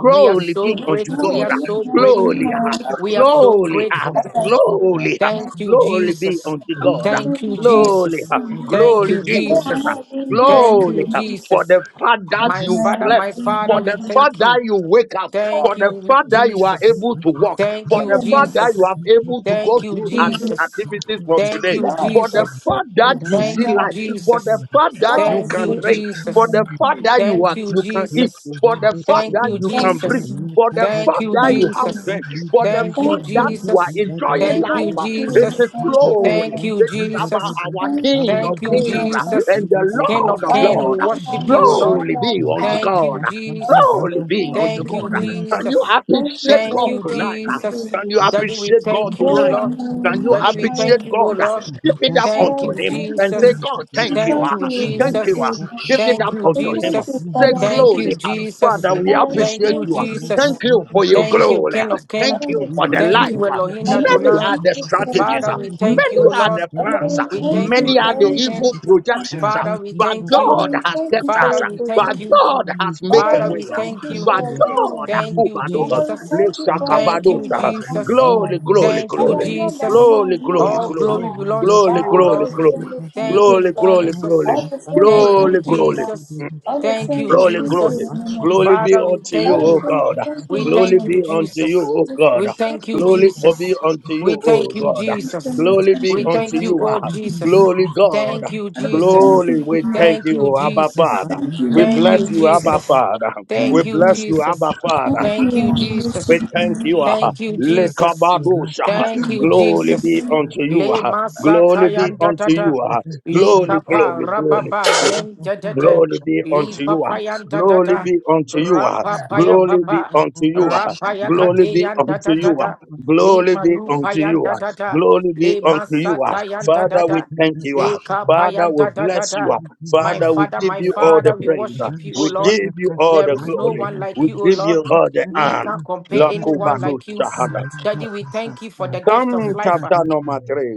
[SPEAKER 1] We are so
[SPEAKER 5] The
[SPEAKER 4] Father,
[SPEAKER 5] more
[SPEAKER 1] grateful.
[SPEAKER 4] may
[SPEAKER 1] We are
[SPEAKER 4] we
[SPEAKER 5] we
[SPEAKER 4] thank
[SPEAKER 5] bless you,
[SPEAKER 1] so
[SPEAKER 5] we are
[SPEAKER 1] grateful. We are
[SPEAKER 5] confirmed.
[SPEAKER 1] so grateful.
[SPEAKER 5] Father, we bless you.
[SPEAKER 1] Thank you, Jesus. Thank you, Jesus. Thank you, Jesus. Thank you, Jesus. My Father, my Father, we thank you. Thank
[SPEAKER 5] Lord,
[SPEAKER 1] you, Jesus. Thank you, Jesus. Thank you, Jesus. Thank you, Jesus. Thank you,
[SPEAKER 4] you
[SPEAKER 1] Jesus.
[SPEAKER 4] and we
[SPEAKER 1] Thank you,
[SPEAKER 5] sit.
[SPEAKER 6] You
[SPEAKER 4] praise your
[SPEAKER 6] keep
[SPEAKER 1] Jesus.
[SPEAKER 4] name. Thank you.
[SPEAKER 1] Thank you, Jesus. Thank you,
[SPEAKER 6] your man. You
[SPEAKER 5] Thank
[SPEAKER 1] Jesus.
[SPEAKER 5] you,
[SPEAKER 6] keep your
[SPEAKER 1] Thank you,
[SPEAKER 5] thank you, thank
[SPEAKER 6] man.
[SPEAKER 5] you,
[SPEAKER 1] Jesus. Thank you,
[SPEAKER 5] thank you,
[SPEAKER 1] Jesus.
[SPEAKER 6] You keep your
[SPEAKER 1] Thank
[SPEAKER 6] man.
[SPEAKER 1] you,
[SPEAKER 6] You
[SPEAKER 1] Jesus.
[SPEAKER 5] and
[SPEAKER 1] Thank
[SPEAKER 5] welcome.
[SPEAKER 1] you, Jesus.
[SPEAKER 5] Thank you,
[SPEAKER 1] Thank you,
[SPEAKER 5] Glenda.
[SPEAKER 1] Jesus. King of
[SPEAKER 5] Father,
[SPEAKER 1] King, we
[SPEAKER 5] it's not by
[SPEAKER 1] worship you, O
[SPEAKER 5] might,
[SPEAKER 6] keep
[SPEAKER 1] Lord.
[SPEAKER 5] not by power.
[SPEAKER 1] Thank you,
[SPEAKER 5] Father, I
[SPEAKER 1] Jesus.
[SPEAKER 5] say thank you,
[SPEAKER 1] Thank you,
[SPEAKER 6] your
[SPEAKER 5] Lord.
[SPEAKER 6] man. You keep
[SPEAKER 1] Jesus.
[SPEAKER 5] Thank you,
[SPEAKER 1] Thank
[SPEAKER 5] very
[SPEAKER 1] you,
[SPEAKER 5] God.
[SPEAKER 6] your
[SPEAKER 5] Thank
[SPEAKER 1] Jesus.
[SPEAKER 5] you.
[SPEAKER 1] Daddy, we thank you, O
[SPEAKER 5] Glory and
[SPEAKER 1] Lord.
[SPEAKER 5] honor and
[SPEAKER 1] Daddy, we
[SPEAKER 5] magnify
[SPEAKER 1] thank
[SPEAKER 5] your
[SPEAKER 1] you, O
[SPEAKER 5] name.
[SPEAKER 1] Lord.
[SPEAKER 4] Glory,
[SPEAKER 5] Father,
[SPEAKER 1] Thank
[SPEAKER 5] we
[SPEAKER 1] you,
[SPEAKER 5] thank you.
[SPEAKER 1] Jesus.
[SPEAKER 5] We
[SPEAKER 1] Thank
[SPEAKER 5] thank
[SPEAKER 1] you,
[SPEAKER 5] you, we thank you,
[SPEAKER 1] Jesus.
[SPEAKER 5] we
[SPEAKER 6] man.
[SPEAKER 5] thank you.
[SPEAKER 1] Thank you,
[SPEAKER 5] We thank you,
[SPEAKER 1] Jesus.
[SPEAKER 5] Father, we
[SPEAKER 1] Thank you,
[SPEAKER 5] thank you.
[SPEAKER 1] Jesus.
[SPEAKER 5] Father, we
[SPEAKER 1] Thank you,
[SPEAKER 5] thank you.
[SPEAKER 1] Jesus.
[SPEAKER 5] we thank you.
[SPEAKER 1] Thank you, King of King.
[SPEAKER 5] Father, we thank
[SPEAKER 1] Thank you,
[SPEAKER 5] you.
[SPEAKER 1] Elohim
[SPEAKER 5] Father, we
[SPEAKER 1] Adonai.
[SPEAKER 5] thank you for the
[SPEAKER 1] Father,
[SPEAKER 5] life
[SPEAKER 1] we
[SPEAKER 5] of
[SPEAKER 1] thank
[SPEAKER 5] Jesus.
[SPEAKER 1] you, O Lord.
[SPEAKER 5] Father, we
[SPEAKER 1] We
[SPEAKER 5] thank
[SPEAKER 1] thank
[SPEAKER 5] you
[SPEAKER 1] you,
[SPEAKER 5] for
[SPEAKER 1] King of
[SPEAKER 5] everything
[SPEAKER 1] Kings,
[SPEAKER 5] you have done for us.
[SPEAKER 1] Father, we thank you.
[SPEAKER 5] Father, we thank you for
[SPEAKER 1] Father,
[SPEAKER 5] your
[SPEAKER 1] we thank you.
[SPEAKER 5] protection. Father,
[SPEAKER 1] Father,
[SPEAKER 5] we
[SPEAKER 1] we
[SPEAKER 5] thank
[SPEAKER 1] thank
[SPEAKER 5] you
[SPEAKER 1] you.
[SPEAKER 5] for your guidance.
[SPEAKER 1] Thank you,
[SPEAKER 5] Father, we
[SPEAKER 1] Jesus.
[SPEAKER 5] thank you for
[SPEAKER 1] Thank you,
[SPEAKER 5] everything you have done
[SPEAKER 1] Jesus.
[SPEAKER 5] for us.
[SPEAKER 4] glory,
[SPEAKER 1] Thank you,
[SPEAKER 5] Father,
[SPEAKER 4] glory, glory,
[SPEAKER 5] not by
[SPEAKER 1] Jesus.
[SPEAKER 5] mind, not
[SPEAKER 4] King
[SPEAKER 5] by
[SPEAKER 1] All
[SPEAKER 4] of
[SPEAKER 1] glory
[SPEAKER 4] glory,
[SPEAKER 5] power,
[SPEAKER 1] belongs
[SPEAKER 5] but
[SPEAKER 1] to you, O
[SPEAKER 4] Yabba,
[SPEAKER 5] all
[SPEAKER 1] Lord.
[SPEAKER 5] the same we thank
[SPEAKER 1] Thank
[SPEAKER 5] you,
[SPEAKER 1] you,
[SPEAKER 5] Father.
[SPEAKER 1] Jesus.
[SPEAKER 5] All the same we
[SPEAKER 1] Thank you,
[SPEAKER 5] thank you, Father.
[SPEAKER 1] Jesus.
[SPEAKER 5] All the
[SPEAKER 1] Thank
[SPEAKER 5] same
[SPEAKER 1] you,
[SPEAKER 5] we thank you in the
[SPEAKER 1] Jesus.
[SPEAKER 5] name of Jesus.
[SPEAKER 1] Father, we thank
[SPEAKER 5] All the
[SPEAKER 1] you.
[SPEAKER 5] same we thank you in
[SPEAKER 1] We
[SPEAKER 5] the name
[SPEAKER 1] thank
[SPEAKER 5] of
[SPEAKER 1] you,
[SPEAKER 5] Jesus
[SPEAKER 1] Jesus. We thank you, Jesus. We thank you, Jesus.
[SPEAKER 5] the
[SPEAKER 1] We thank you, oh Jesus. Thank you, Jesus. Thank you, Jesus. Thank you, Jesus. Thank you, Jesus. Thank you, Jesus. Thank you, Jesus. Thank you, Jesus. Le
[SPEAKER 4] Rakapa,
[SPEAKER 1] masata yanda
[SPEAKER 4] Rakapa,
[SPEAKER 1] tata. Li
[SPEAKER 4] Rakapa,
[SPEAKER 1] papa rababa men jadete. Li papa yanda tata. Rapapa ya papa. Rapa Rapaya kate yanda tata. Li malupa yanda tata. Le masata yanda tata. Le kapa yanda tata. My Father, my Father, we worship you, O Lord. There is no one like you, O Lord. We can't compare anyone like you. Daddy, we thank you for the gift of
[SPEAKER 7] Thank
[SPEAKER 1] life. ah.
[SPEAKER 4] Rakada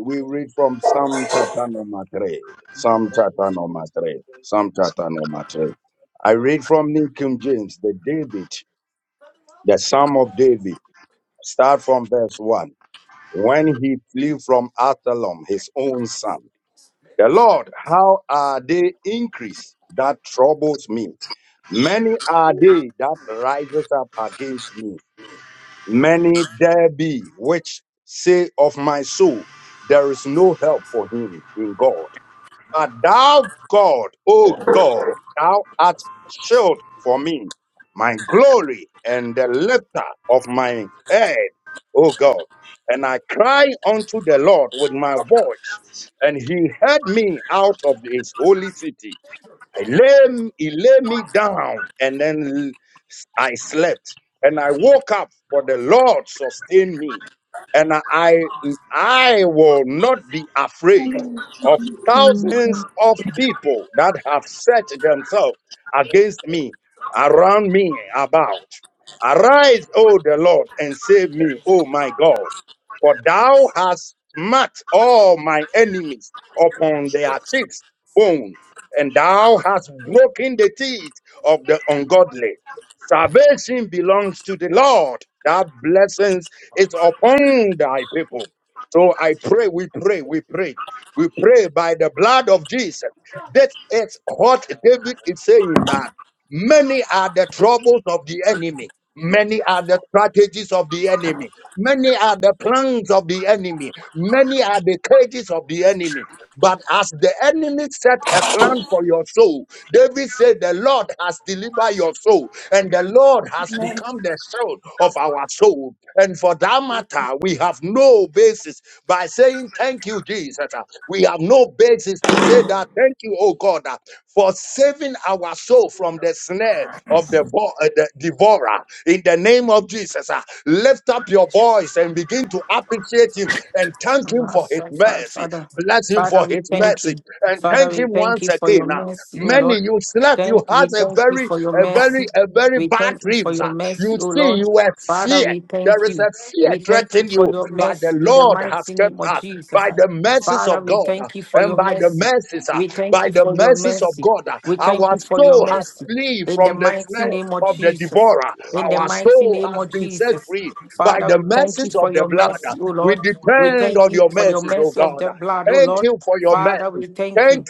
[SPEAKER 5] Amen.
[SPEAKER 6] You keep your man.
[SPEAKER 1] Master, Fa- Father, Father, we thank you. Father, we thank you for your mercy, O Lord. Thank we thank you for your mercy. We thank you for your mercy, O Lord. Father, we thank you. We thank you for your mercy in the mighty name of Jesus. Father, we thank you for your mercy. We thank you for your mercy. We thank you for your mercy in the mighty name of Jesus. In the mighty name of Jesus. Father, we thank you for your mercy, O Lord. We thank you for your mercy of the blood, O Lord. Father, we thank you.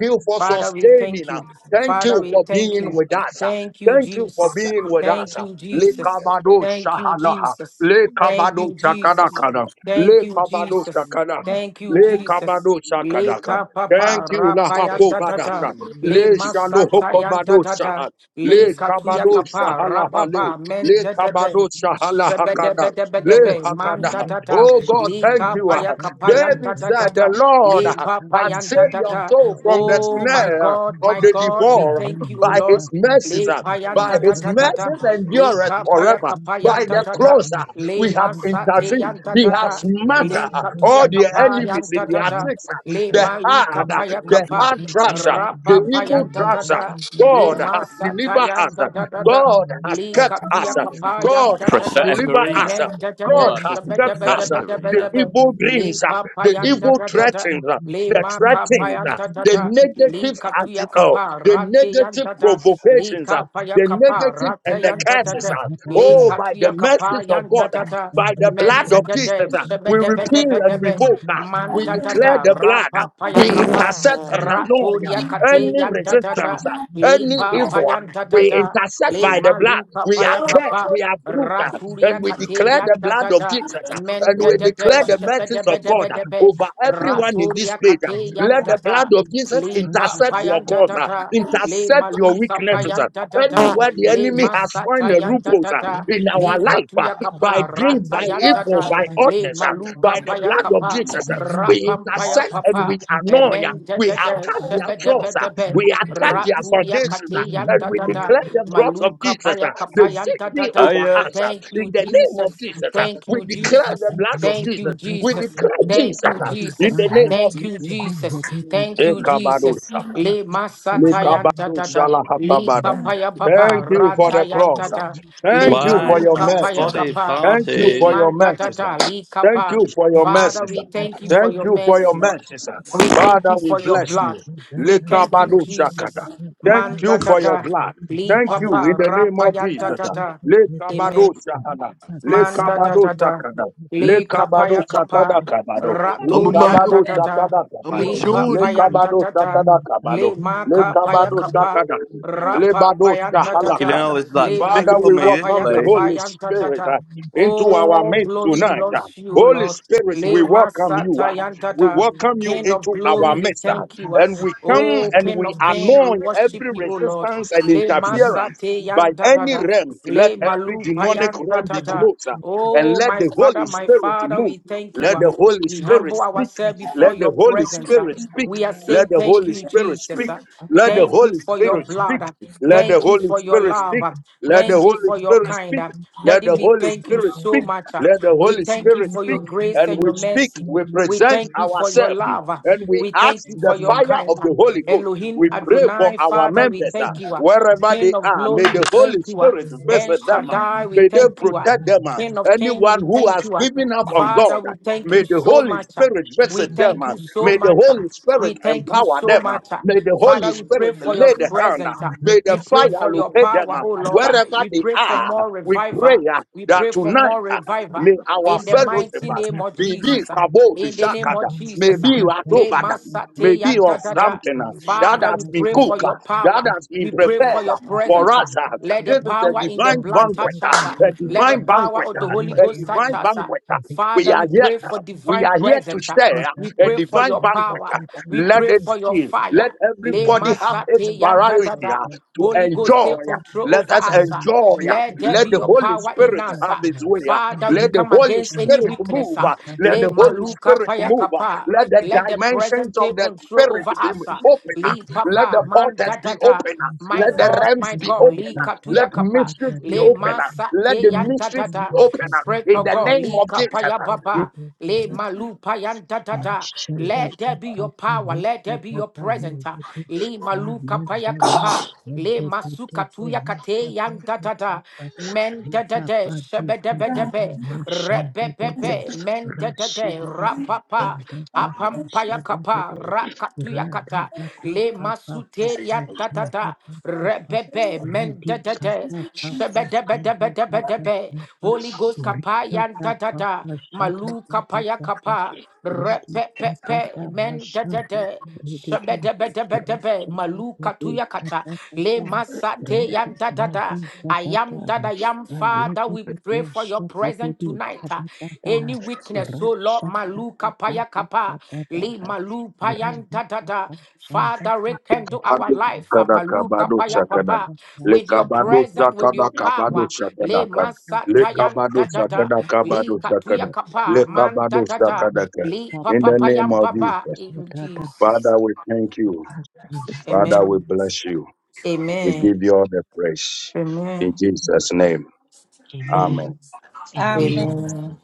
[SPEAKER 4] Thank
[SPEAKER 1] Father, we thank you. Father, we thank you. Thank you, Jesus. Thank you, Jesus. Thank you, Jesus. Thank you, Jesus. Thank you, Jesus. Thank you, Jesus. Le papa rapayanda tata. Le masata yanda tata. Le katuya kapa rababa men tata. Shebedebedebedebe man tata. Le kapaya kapayanda
[SPEAKER 4] you.
[SPEAKER 1] tata.
[SPEAKER 4] Thank
[SPEAKER 1] Le papayanda tata. Oh my God, my God, we thank you, O Lord. Le payan da da da da da. Le kapaya kapayan da da da. Le masate yan da da da. Le katuya kapayan da da da. Le mali kapaya kapa. Rapa payan da da da.
[SPEAKER 4] you.
[SPEAKER 1] Le masata
[SPEAKER 7] you.
[SPEAKER 1] yan da da da da.
[SPEAKER 7] that is
[SPEAKER 1] Le
[SPEAKER 7] still
[SPEAKER 1] katuya
[SPEAKER 7] spoken with us
[SPEAKER 1] kapayan
[SPEAKER 7] along
[SPEAKER 1] da
[SPEAKER 7] the
[SPEAKER 1] da da.
[SPEAKER 8] Prophetic
[SPEAKER 7] community.
[SPEAKER 8] Arena.
[SPEAKER 1] Men da da
[SPEAKER 8] More
[SPEAKER 1] da.
[SPEAKER 8] like fucking
[SPEAKER 1] Sabe da ba da
[SPEAKER 8] Pathetic
[SPEAKER 1] ba da ba da
[SPEAKER 8] Arena.
[SPEAKER 1] ba. Le papayan
[SPEAKER 7] Here
[SPEAKER 4] Shut
[SPEAKER 1] da
[SPEAKER 7] is
[SPEAKER 1] da da da. Le makapayan da da da. Li katuya kapa rate yan Lika paya kapa rata yanta tata. Lika tuya kapa yanta tata. Men
[SPEAKER 7] property
[SPEAKER 1] tata tata.
[SPEAKER 7] that is
[SPEAKER 1] Shebe bede
[SPEAKER 7] within
[SPEAKER 1] bede
[SPEAKER 7] human
[SPEAKER 1] debe. Man
[SPEAKER 7] for the
[SPEAKER 1] tata tata.
[SPEAKER 7] community
[SPEAKER 1] Rapa paya kapa. Raturia kate yanta tata. Lipa payanta tata. Le maluka paya kapa.
[SPEAKER 7] and the
[SPEAKER 1] Raturia
[SPEAKER 7] world
[SPEAKER 1] kate yanta tata.
[SPEAKER 7] conscious of
[SPEAKER 1] Men tata tata. Shebe bede bede debe. Raturia kate yanta tata. Lipa payanta tata
[SPEAKER 7] community.
[SPEAKER 1] le maluka payanta
[SPEAKER 7] So
[SPEAKER 8] I,
[SPEAKER 1] tata,
[SPEAKER 7] we
[SPEAKER 1] le
[SPEAKER 7] pray
[SPEAKER 1] masata
[SPEAKER 4] up,
[SPEAKER 1] yanta
[SPEAKER 4] Oh,
[SPEAKER 1] tata,
[SPEAKER 4] shut
[SPEAKER 1] le
[SPEAKER 7] so
[SPEAKER 4] up, up,
[SPEAKER 1] katuya
[SPEAKER 7] in
[SPEAKER 4] up, up,
[SPEAKER 1] kapa
[SPEAKER 4] up,
[SPEAKER 7] person
[SPEAKER 1] rata
[SPEAKER 7] for the
[SPEAKER 1] yanta
[SPEAKER 4] up,
[SPEAKER 1] tata,
[SPEAKER 4] up,
[SPEAKER 7] particularly with
[SPEAKER 1] le
[SPEAKER 4] up, shut
[SPEAKER 7] Mrs.
[SPEAKER 4] up,
[SPEAKER 1] maluka
[SPEAKER 4] up,
[SPEAKER 7] Monster
[SPEAKER 4] up,
[SPEAKER 1] paya
[SPEAKER 7] and
[SPEAKER 1] kapa.
[SPEAKER 7] being the high
[SPEAKER 4] Amen. Up,
[SPEAKER 1] Rapam
[SPEAKER 4] up,
[SPEAKER 7] community
[SPEAKER 1] paya
[SPEAKER 4] up, up,
[SPEAKER 1] papa,
[SPEAKER 4] up, up, up, up,
[SPEAKER 1] amen da da
[SPEAKER 7] of
[SPEAKER 1] da,
[SPEAKER 4] up,
[SPEAKER 7] the
[SPEAKER 4] up,
[SPEAKER 7] whole
[SPEAKER 4] up,
[SPEAKER 1] sebe de
[SPEAKER 7] family
[SPEAKER 4] up.
[SPEAKER 1] be de
[SPEAKER 7] to
[SPEAKER 4] Right, up, up, up,
[SPEAKER 1] raturia
[SPEAKER 4] up,
[SPEAKER 1] kate yan da
[SPEAKER 7] say
[SPEAKER 1] da
[SPEAKER 7] that
[SPEAKER 1] da,
[SPEAKER 7] we want to come
[SPEAKER 1] maluka paya kapa
[SPEAKER 7] and
[SPEAKER 1] yan
[SPEAKER 7] this
[SPEAKER 1] da
[SPEAKER 7] is the
[SPEAKER 1] da
[SPEAKER 8] uh,
[SPEAKER 7] amazing thing
[SPEAKER 1] Thank
[SPEAKER 7] to
[SPEAKER 1] you,
[SPEAKER 7] spend the
[SPEAKER 1] Jesus.
[SPEAKER 7] children
[SPEAKER 4] up,
[SPEAKER 7] of
[SPEAKER 1] Thank
[SPEAKER 4] up, left, right, up, up, up, up,
[SPEAKER 7] our
[SPEAKER 1] you,
[SPEAKER 4] up,
[SPEAKER 7] being of
[SPEAKER 4] shut
[SPEAKER 1] Jesus.
[SPEAKER 4] up, up, up,
[SPEAKER 1] Thank you,
[SPEAKER 4] up, up, up,
[SPEAKER 1] Jesus.
[SPEAKER 7] Mrs.
[SPEAKER 4] up, up.
[SPEAKER 1] Thank
[SPEAKER 7] Monster.
[SPEAKER 1] you,
[SPEAKER 4] Indeed,
[SPEAKER 1] Jesus.
[SPEAKER 4] by your
[SPEAKER 1] Thank
[SPEAKER 4] grace,
[SPEAKER 1] you,
[SPEAKER 4] oh God, you
[SPEAKER 1] Jesus.
[SPEAKER 7] Jesus,
[SPEAKER 4] take it.
[SPEAKER 1] Thank you,
[SPEAKER 7] thank you.
[SPEAKER 1] Jesus.
[SPEAKER 4] Thank
[SPEAKER 1] Le
[SPEAKER 4] you for
[SPEAKER 1] masata
[SPEAKER 4] your
[SPEAKER 1] yan
[SPEAKER 7] Thank
[SPEAKER 1] da da
[SPEAKER 7] you,
[SPEAKER 4] mercy.
[SPEAKER 1] da.
[SPEAKER 4] Thank
[SPEAKER 1] Le
[SPEAKER 4] you, mercy,
[SPEAKER 1] papaya
[SPEAKER 4] oh
[SPEAKER 1] baba
[SPEAKER 4] Lord.
[SPEAKER 1] rata yan da da.
[SPEAKER 4] Thank
[SPEAKER 1] Le
[SPEAKER 9] Why
[SPEAKER 7] In
[SPEAKER 9] is my
[SPEAKER 1] maluka
[SPEAKER 4] you,
[SPEAKER 1] paya
[SPEAKER 7] Jesus.
[SPEAKER 9] body
[SPEAKER 4] oh
[SPEAKER 1] kapa.
[SPEAKER 4] Lord.
[SPEAKER 1] Le
[SPEAKER 9] farting?
[SPEAKER 1] man da da da. Le kapa.
[SPEAKER 4] Thank
[SPEAKER 7] Glory
[SPEAKER 4] you.
[SPEAKER 7] to your name.
[SPEAKER 1] Father, we thank you for your
[SPEAKER 7] Thank
[SPEAKER 1] mercy.
[SPEAKER 7] Jesus. Thank
[SPEAKER 1] We
[SPEAKER 7] you.
[SPEAKER 1] thank you for your blood. We thank you, Jesus. Man da da da. Le papa rapa yan da da da. Amen. Man da da da da. Li kapaya kapa.
[SPEAKER 8] I'm a
[SPEAKER 1] Raturian
[SPEAKER 8] Malcolm.
[SPEAKER 1] da da da.
[SPEAKER 8] I'm a
[SPEAKER 1] Li
[SPEAKER 8] Geordie.
[SPEAKER 1] papayan da da da. Li
[SPEAKER 7] Please
[SPEAKER 1] maka paya kapa. Rapa payan da da
[SPEAKER 9] Fucking
[SPEAKER 7] pray
[SPEAKER 1] da.
[SPEAKER 9] hell, it's
[SPEAKER 7] with me
[SPEAKER 9] like
[SPEAKER 1] Li
[SPEAKER 7] and I
[SPEAKER 9] despicable me,
[SPEAKER 1] maluka
[SPEAKER 9] this
[SPEAKER 7] will
[SPEAKER 1] paya
[SPEAKER 7] pray
[SPEAKER 9] place.
[SPEAKER 1] kapayan da da da.
[SPEAKER 7] for
[SPEAKER 1] Oh,
[SPEAKER 7] sure to
[SPEAKER 1] glory
[SPEAKER 7] you, Jesus.
[SPEAKER 1] belongs to you, Lord. Le
[SPEAKER 7] the Lord is good.
[SPEAKER 1] Masata
[SPEAKER 7] And I will
[SPEAKER 1] Yantata,
[SPEAKER 7] always
[SPEAKER 1] King of
[SPEAKER 7] pray
[SPEAKER 1] glory,
[SPEAKER 4] Thank
[SPEAKER 1] we thank you. ah. Oh, King of
[SPEAKER 7] pray
[SPEAKER 1] King, we worship you, O Lord. Le Masate Yantata, Le Malupa Yantata. Oh, my Father, my Father, we thank you. ah. We humble ourselves before your presence. ah. We are saying thank you, Jesus. ah. Thank
[SPEAKER 7] that
[SPEAKER 1] you
[SPEAKER 7] you
[SPEAKER 1] for
[SPEAKER 7] can
[SPEAKER 1] your
[SPEAKER 7] be
[SPEAKER 1] blood. ah. Thank you for your love. ah. Thank you for your kind. ah. Daddy, we thank you so much. ah. We thank you for your
[SPEAKER 7] first there
[SPEAKER 1] grace and
[SPEAKER 7] with
[SPEAKER 1] your
[SPEAKER 7] him and come
[SPEAKER 1] mercy.
[SPEAKER 7] and give
[SPEAKER 1] We
[SPEAKER 7] us
[SPEAKER 1] thank
[SPEAKER 7] this.
[SPEAKER 1] you for your love. ah. We thank
[SPEAKER 7] And
[SPEAKER 1] you
[SPEAKER 7] I
[SPEAKER 1] for your
[SPEAKER 7] will come
[SPEAKER 1] kindness.
[SPEAKER 4] you.
[SPEAKER 7] you
[SPEAKER 1] Elohim
[SPEAKER 4] Thank you.
[SPEAKER 1] Adonai, Father, we thank you. ah. King of glory, we thank you. ah.
[SPEAKER 7] and we
[SPEAKER 1] El
[SPEAKER 7] pray
[SPEAKER 1] Shaddai, we thank you. ah. King of King, we thank you. ah. Father, we thank you so much. ah. We thank you so much. ah. We thank you so much. ah.
[SPEAKER 7] for
[SPEAKER 1] Father, we
[SPEAKER 7] your
[SPEAKER 1] pray
[SPEAKER 7] peace
[SPEAKER 1] for
[SPEAKER 7] that
[SPEAKER 1] your
[SPEAKER 7] we have to
[SPEAKER 1] presence.
[SPEAKER 7] come
[SPEAKER 1] ah.
[SPEAKER 7] and be
[SPEAKER 1] We pray for your
[SPEAKER 7] today. I
[SPEAKER 1] power, oh
[SPEAKER 7] pray with
[SPEAKER 6] And
[SPEAKER 1] Lord.
[SPEAKER 6] bye.
[SPEAKER 1] We pray for more revival. We pray for more revival in the mighty name of Jesus. ah. In the
[SPEAKER 7] you
[SPEAKER 1] name of
[SPEAKER 4] must
[SPEAKER 7] and I
[SPEAKER 1] Jesus.
[SPEAKER 7] pray
[SPEAKER 4] stand
[SPEAKER 1] ah.
[SPEAKER 4] up,
[SPEAKER 7] today
[SPEAKER 1] Le
[SPEAKER 7] that
[SPEAKER 4] papa,
[SPEAKER 7] we will
[SPEAKER 4] papa,
[SPEAKER 1] masate
[SPEAKER 4] papa,
[SPEAKER 1] yan da da da.
[SPEAKER 4] who
[SPEAKER 7] be able
[SPEAKER 4] shall
[SPEAKER 1] Father, we
[SPEAKER 4] not
[SPEAKER 1] pray
[SPEAKER 4] be
[SPEAKER 1] for your
[SPEAKER 7] to
[SPEAKER 1] power. We
[SPEAKER 4] protected.
[SPEAKER 1] pray for your
[SPEAKER 4] Thank
[SPEAKER 7] Incessantly,
[SPEAKER 1] presence. ah.
[SPEAKER 4] you.
[SPEAKER 7] whatever
[SPEAKER 1] Let the
[SPEAKER 7] indicating is in
[SPEAKER 1] power in
[SPEAKER 7] our
[SPEAKER 1] the
[SPEAKER 7] life, we
[SPEAKER 1] blood
[SPEAKER 7] pray
[SPEAKER 1] touch
[SPEAKER 7] so
[SPEAKER 1] us.
[SPEAKER 7] that
[SPEAKER 1] ah.
[SPEAKER 7] you give
[SPEAKER 1] Let
[SPEAKER 7] it
[SPEAKER 1] the
[SPEAKER 7] unto us
[SPEAKER 1] power of the Holy
[SPEAKER 7] in
[SPEAKER 1] Ghost
[SPEAKER 7] the
[SPEAKER 1] touch
[SPEAKER 7] name of
[SPEAKER 1] us. ah.
[SPEAKER 7] Jesus.
[SPEAKER 1] Father, we pray for divine presence. ah. We pray for your power. We pray for your fire. Le masate yanda da da. Holy Ghost, take control over us. ah. Let there be your power in us. ah. Father, we come against any weakness. ah. Le maluka paya kapa. Let the present take control over us. ah. Le papa man da da da.
[SPEAKER 4] Thank
[SPEAKER 1] My God, my God, li katuya kapa, le masate yan da da da, spread to God, li kapaya baba,
[SPEAKER 4] you.
[SPEAKER 1] le malupa yan da da da.
[SPEAKER 4] Mashanda
[SPEAKER 1] Let there be your
[SPEAKER 4] papa
[SPEAKER 1] power, let
[SPEAKER 4] rika
[SPEAKER 1] there be your
[SPEAKER 4] papa
[SPEAKER 1] presence, ah.
[SPEAKER 4] yendeti
[SPEAKER 1] li maluka
[SPEAKER 4] ayenda
[SPEAKER 1] paya
[SPEAKER 10] Ah,
[SPEAKER 1] kapa. Le
[SPEAKER 4] mashanda pete
[SPEAKER 1] masukatuya
[SPEAKER 4] rika
[SPEAKER 1] kate
[SPEAKER 4] papa
[SPEAKER 1] yan da da da
[SPEAKER 4] papa
[SPEAKER 1] men da
[SPEAKER 4] rika
[SPEAKER 1] da da
[SPEAKER 4] pati
[SPEAKER 1] shebe de be
[SPEAKER 4] kata
[SPEAKER 1] de
[SPEAKER 4] da
[SPEAKER 1] be
[SPEAKER 4] mashanda
[SPEAKER 1] rebe be
[SPEAKER 4] pete
[SPEAKER 1] be men da da da
[SPEAKER 4] rashidi bidi
[SPEAKER 1] rapapa
[SPEAKER 4] kanda papa
[SPEAKER 1] apampaya
[SPEAKER 4] shanda
[SPEAKER 1] kapa
[SPEAKER 4] pete
[SPEAKER 1] rakatuya
[SPEAKER 4] randa
[SPEAKER 1] kata
[SPEAKER 4] da
[SPEAKER 1] le
[SPEAKER 4] papa papa
[SPEAKER 1] masute
[SPEAKER 4] papa
[SPEAKER 1] yan da da
[SPEAKER 4] shanda
[SPEAKER 1] da
[SPEAKER 4] papa papa
[SPEAKER 1] rebe be men
[SPEAKER 4] radi
[SPEAKER 1] da da da
[SPEAKER 4] papa
[SPEAKER 1] shebe de be de
[SPEAKER 4] shanda
[SPEAKER 1] be de be de
[SPEAKER 4] papa
[SPEAKER 1] be
[SPEAKER 4] papa
[SPEAKER 1] Holy Ghost kapa
[SPEAKER 4] rika
[SPEAKER 1] yan da da da
[SPEAKER 4] papa shanda
[SPEAKER 1] malu kapaya
[SPEAKER 4] papa
[SPEAKER 1] kapa
[SPEAKER 4] Radikatata
[SPEAKER 1] Repepepe men de de
[SPEAKER 4] Mashanta
[SPEAKER 1] de
[SPEAKER 4] Rediti
[SPEAKER 1] shebedebedebedebe maluka
[SPEAKER 4] Rashakatati
[SPEAKER 1] tuyakata le
[SPEAKER 4] Katata
[SPEAKER 1] masate
[SPEAKER 4] Radi
[SPEAKER 1] yan da da da
[SPEAKER 4] Maya
[SPEAKER 1] I
[SPEAKER 4] Katata
[SPEAKER 1] am that I am Father we pray
[SPEAKER 4] Alegate
[SPEAKER 1] for your presence
[SPEAKER 4] Shakipiti
[SPEAKER 1] tonight ah.
[SPEAKER 4] Katata
[SPEAKER 1] any weakness so Lord
[SPEAKER 4] Rashakata
[SPEAKER 1] maluka paya
[SPEAKER 4] Papa
[SPEAKER 1] kapa
[SPEAKER 4] Katata
[SPEAKER 1] le malu payan da da da
[SPEAKER 4] Radata Shanta
[SPEAKER 1] Father,
[SPEAKER 4] Papa
[SPEAKER 1] rekindle to our life, uh,
[SPEAKER 4] Ratata
[SPEAKER 1] Maluka
[SPEAKER 4] Papa
[SPEAKER 1] Paya Papa,
[SPEAKER 4] Shanta Papa
[SPEAKER 1] with
[SPEAKER 4] Ratata
[SPEAKER 1] your presence, with your power. Le
[SPEAKER 4] Papa
[SPEAKER 1] Masatayan da da da, Li
[SPEAKER 4] Ratata
[SPEAKER 1] Katuya Kapa,
[SPEAKER 4] Papa
[SPEAKER 1] Man da da da,
[SPEAKER 4] Amen.
[SPEAKER 1] Li Papa Payam Baba, in Jesus. Amen. Amen. Amen. Amen.
[SPEAKER 4] Amen.
[SPEAKER 1] Amen.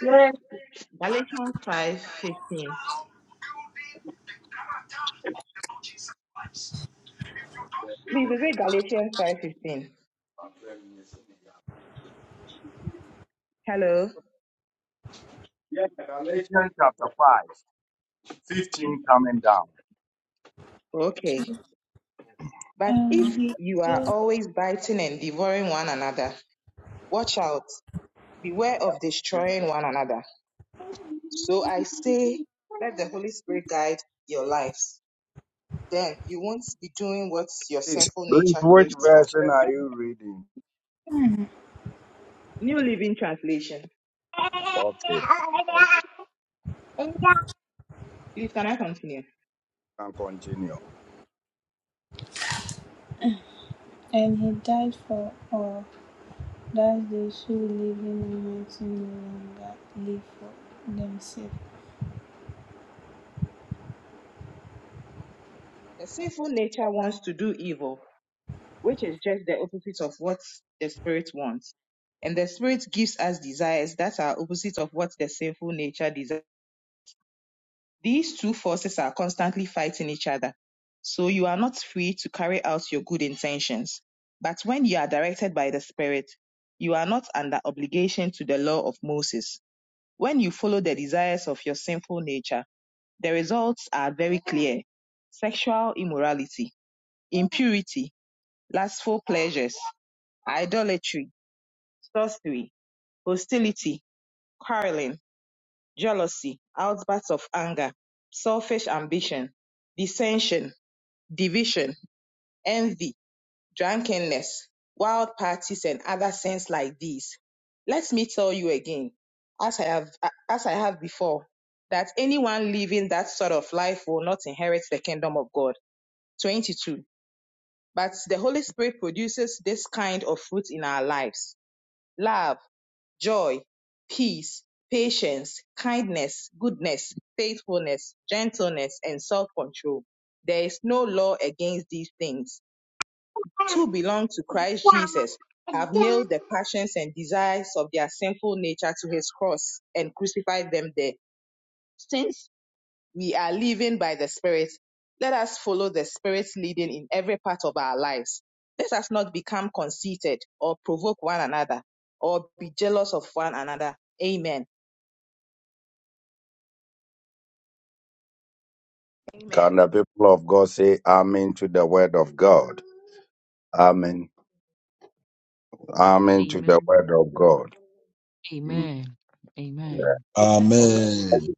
[SPEAKER 11] Yes.
[SPEAKER 7] Galatians five fifteen. Please, is it Galatians five fifteen? Hello.
[SPEAKER 11] Yes. Galatians chapter
[SPEAKER 7] Okay. But
[SPEAKER 5] And
[SPEAKER 7] if
[SPEAKER 5] he
[SPEAKER 7] you are
[SPEAKER 5] lived
[SPEAKER 7] always biting and devouring one another, watch out. Beware of destroying one another. So I say, let the Holy Spirit guide your lives. Then you won't be doing what your sinful nature craves for. New Living Translation. Please, can I continue?
[SPEAKER 5] and he died for all. That they should live in a no longer live for themselves.
[SPEAKER 7] The sinful nature wants to do evil, which is just the opposite of what the spirit wants. And the spirit gives us desires that are opposite of what the sinful nature desires. These two forces are constantly fighting each other. So you are not free to carry out your good intentions. But when you are directed by the spirit, you are not under obligation to the law of Moses. When you follow the desires of your sinful nature, the results are very clear. Sexual immorality, impurity, lustful pleasures, idolatry, sorcery, hostility, quarreling, jealousy, outbursts of anger, selfish ambition, dissension, division, envy, drunkenness, wild parties, and other sins like these. Let me tell you again, as I have, as I have before, that anyone living that sort of life will not inherit the kingdom of God. 22. But the Holy Spirit produces this kind of fruit in our lives. Love, joy, peace, patience, kindness, goodness, faithfulness, gentleness, and self-control. There is no law against these things. Who belong to Christ Jesus have nailed the passions and desires of their sinful nature to his cross and crucified them there. Since we are living by the Spirit, let us follow the Spirit's leading in every part of our lives. Let us not become conceited or provoke one another or be jealous of one another. Amen. Amen.
[SPEAKER 4] Amen. Amen. Amen.
[SPEAKER 12] Amen.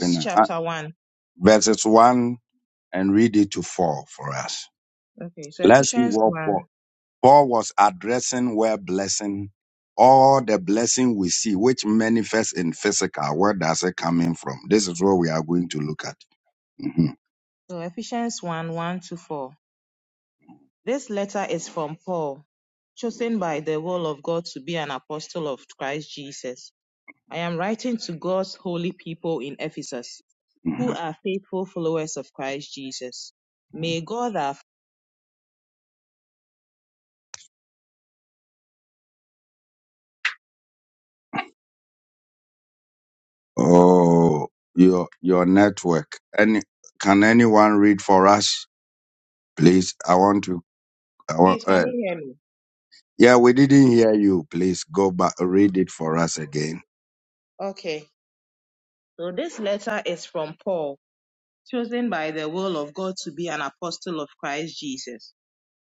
[SPEAKER 7] It's chapter 1. Okay, so Ephesians 1. So Ephesians 1 1 to 4. This letter is from Paul, chosen by the will of God to be an apostle of Christ Jesus. I am writing to God's holy people in Ephesus, who are faithful followers of Christ Jesus. May God have. Please, can you hear me? Okay. So this letter is from Paul, chosen by the will of God to be an apostle of Christ Jesus.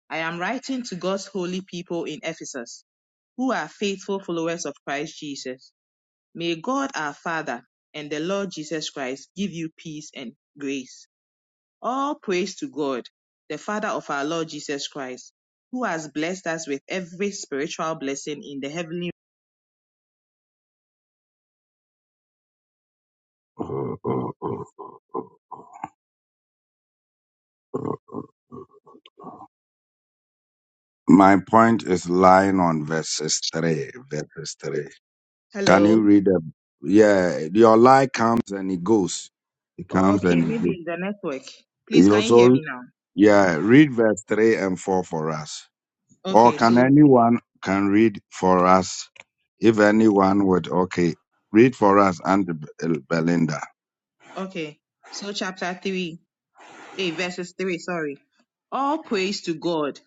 [SPEAKER 7] I am writing to God's holy people in Ephesus, who are faithful followers of Christ Jesus. May God our Father and the Lord Jesus Christ give you peace and grace. All praise to God, the Father of our Lord Jesus Christ, who has blessed us with every spiritual blessing in the heavenly. Hello. Okay, maybe it's the network. Please, can you hear me now? Okay, so, okay. So, chapter 3. 8 verses 3, sorry. All praise to God,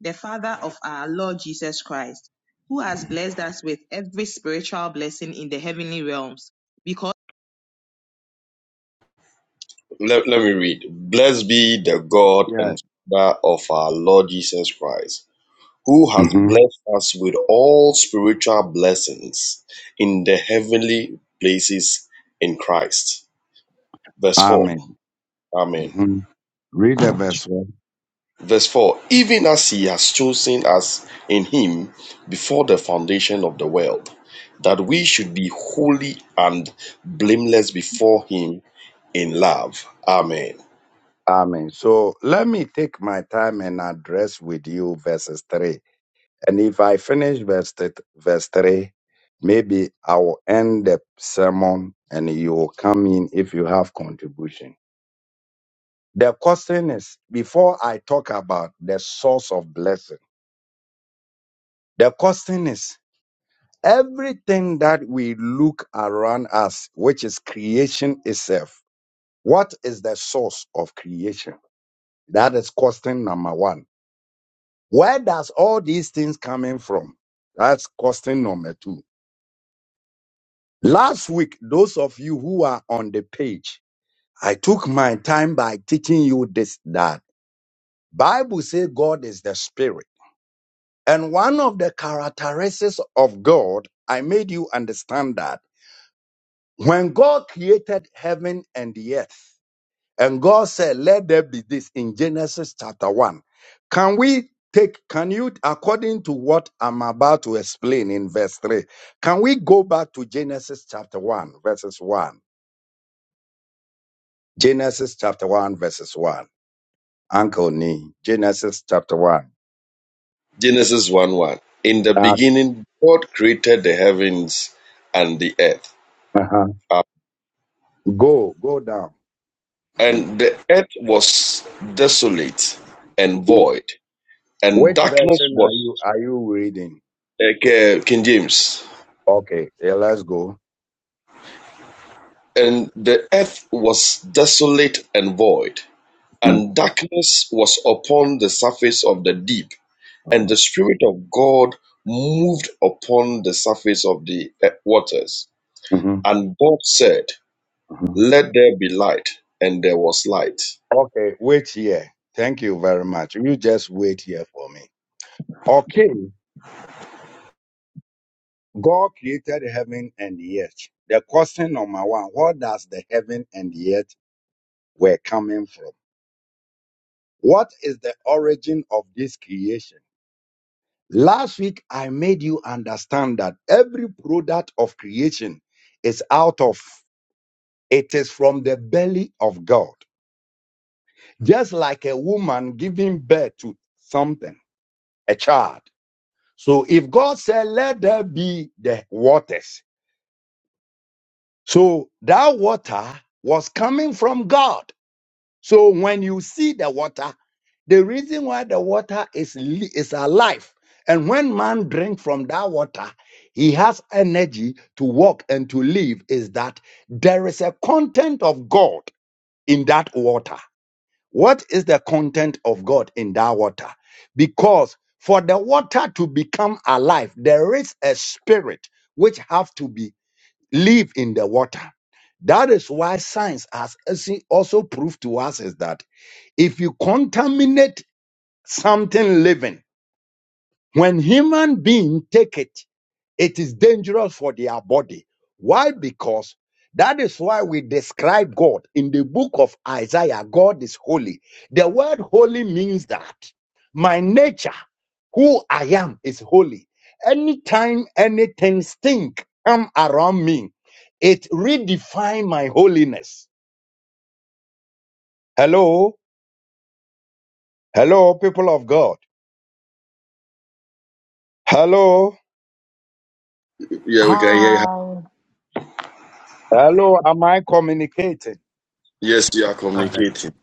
[SPEAKER 7] the Father of our Lord Jesus Christ, who has blessed us with every spiritual blessing in the heavenly realms. Because
[SPEAKER 13] Let, let me read. Blessed be the God and Father of our Lord Jesus Christ, who has blessed us with all spiritual blessings in the heavenly places in Christ. Verse 4. Amen. Verse 4 Even as he has chosen us in him before the foundation of the world, that we should be holy and blameless before him in love. Amen. Genesis 1 1. In the beginning, God created the heavens and the earth. Uh, and the earth was desolate and void, and darkness was, uh, King James, and the earth was desolate and void, and darkness was upon the surface of the deep, and the Spirit of God moved upon the surface of the uh, waters. And God said, Let there be light, and there was light. Yeah, we can hear you.
[SPEAKER 1] Hi.
[SPEAKER 13] Yes, you are
[SPEAKER 14] Hi,
[SPEAKER 13] communicating.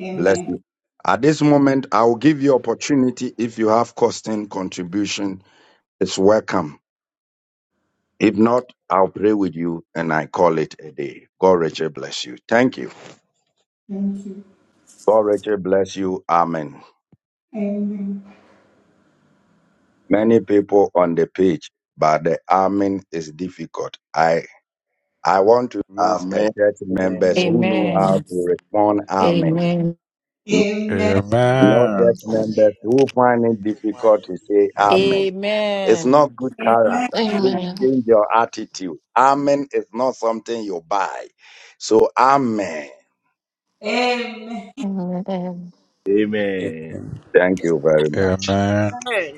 [SPEAKER 5] Amen. Thank you. Amen.
[SPEAKER 13] Amen.
[SPEAKER 1] Amen.
[SPEAKER 7] Amen.
[SPEAKER 1] Amen.
[SPEAKER 5] Amen.
[SPEAKER 15] Amen.
[SPEAKER 1] Amen.
[SPEAKER 5] Amen.
[SPEAKER 16] Amen.
[SPEAKER 17] Um,
[SPEAKER 5] Amen.
[SPEAKER 16] Amen. Amen.
[SPEAKER 18] Amen.
[SPEAKER 15] Amen.
[SPEAKER 11] 15.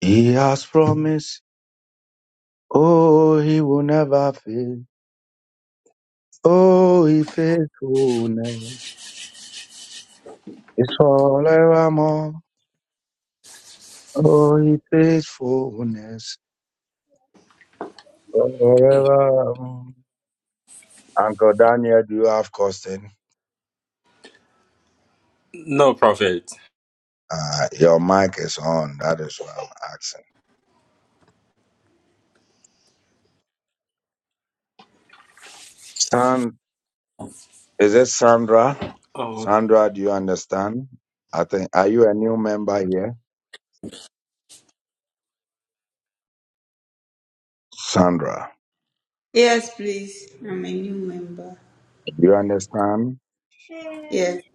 [SPEAKER 3] He has promised, oh, he will never fail. Oh, he faithfulness is forevermore. Oh, he faithfulness
[SPEAKER 6] No, Prophet.
[SPEAKER 5] Yes, please. I'm a new member. Yes.
[SPEAKER 3] forevermore.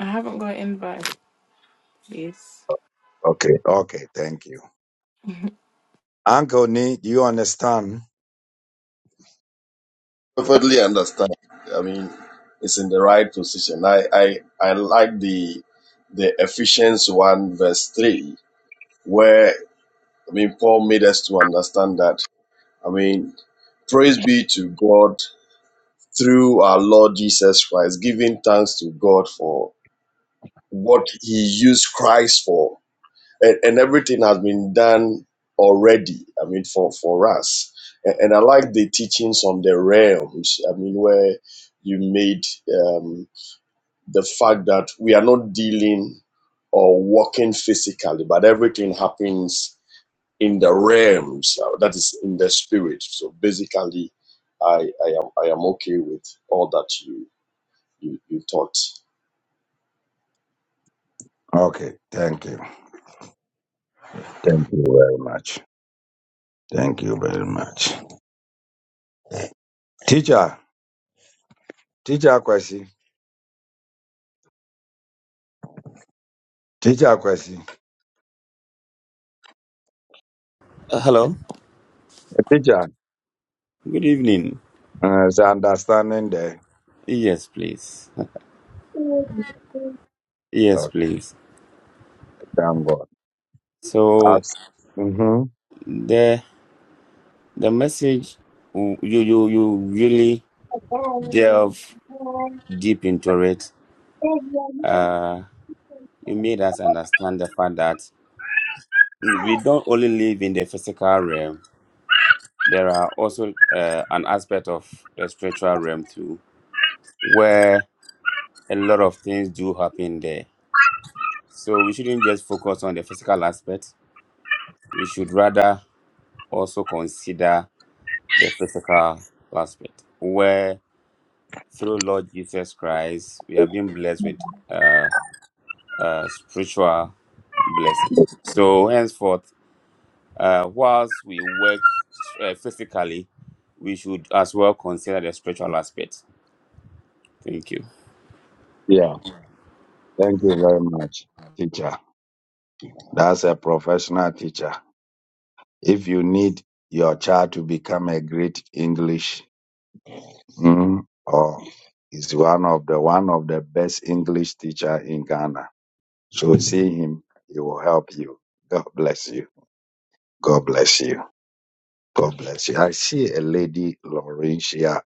[SPEAKER 17] I haven't got invite, please.
[SPEAKER 13] Perfectly understand. I mean, it's in the right position. I, I, I like the the Ephesians one verse three, where I mean Paul made us to understand that. I mean, praise be to God through our Lord Jesus Christ, giving thanks to God for what He used Christ for and, and everything has been done already. I mean, for for us, and, and I like the teachings on the realms. I mean, where you made um, the fact that we are not dealing or walking physically, but everything happens in the realms. uh, That is in the spirit. So basically, I I am I am okay with all that you you, you taught.
[SPEAKER 14] Good evening. Yes, please. Yes, please. So the the message you you you really delve deep into it.
[SPEAKER 3] Exactly.
[SPEAKER 14] Uh, you made us understand the fact that we don't only live in the physical realm. There are also uh, an aspect of the spiritual realm too, where a lot of things do happen there. So we shouldn't just focus on the physical aspect. We should rather also consider the physical aspect, where through Lord Jesus Christ we have been blessed with uh, uh, spiritual blessing. So henceforth, uh, whilst we work uh, physically, we should as well consider the spiritual aspect. Thank you.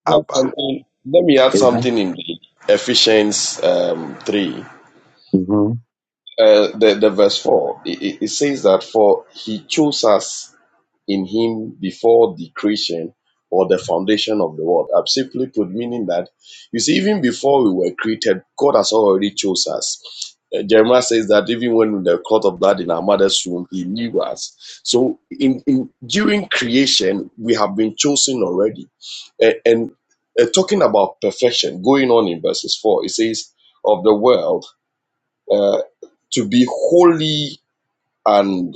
[SPEAKER 13] Yeah, something- Let me add something in Ephesians um, three. uh, the, the verse 4, it, it says that for he chose us in him before the creation or the foundation of the world. i simply put, meaning that, you see, even before we were created, God has already chose us. Uh, Jeremiah says that even when in the cloth of blood in our mother's womb, he knew us. So in, in during creation, we have been chosen already. A- And, uh, talking about perfection, going on in verses 4, it says, of the world uh, to be holy and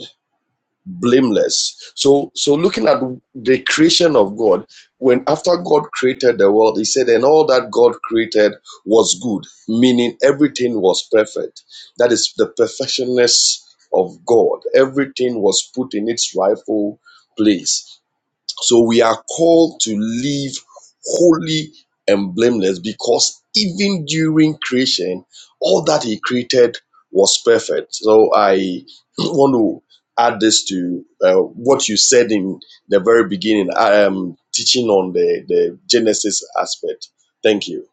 [SPEAKER 13] blameless so so looking at the creation of god when after god created the world he said and all that god created was good meaning everything was perfect that is the perfectionness of god everything was put in its rightful place so we are called to live holy and blameless because even during creation, all that He created was perfect. So I [clears throat] want to add this to uh, what you said in the very beginning. I am teaching on the, the Genesis aspect. Thank you.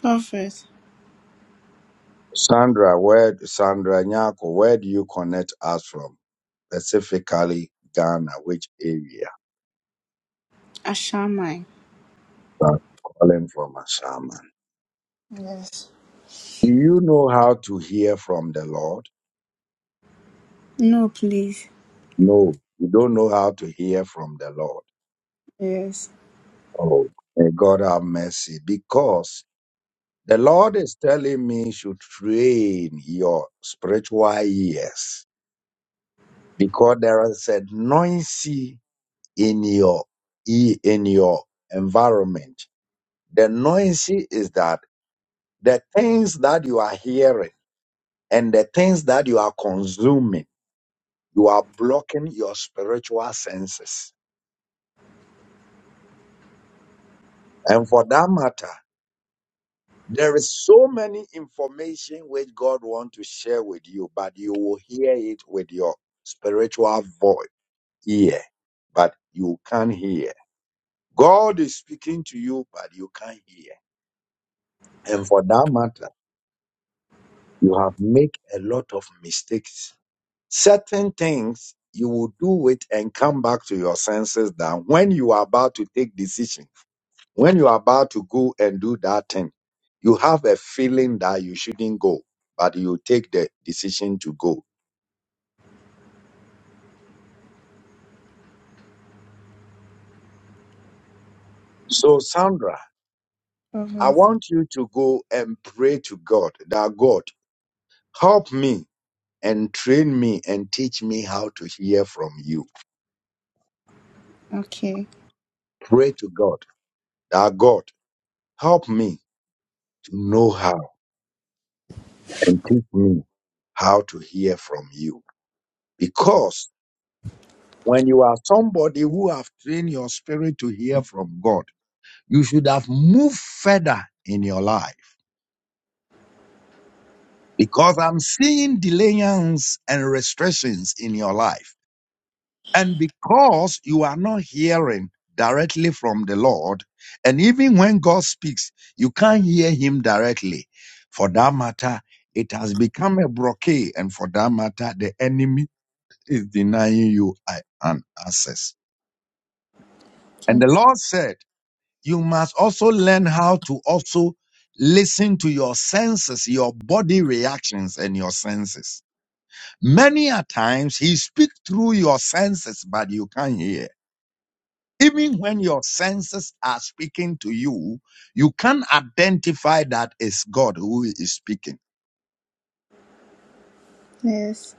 [SPEAKER 5] Prophet Ashamai. Yes. No, please. Yes. Prophet. Okay. Yes.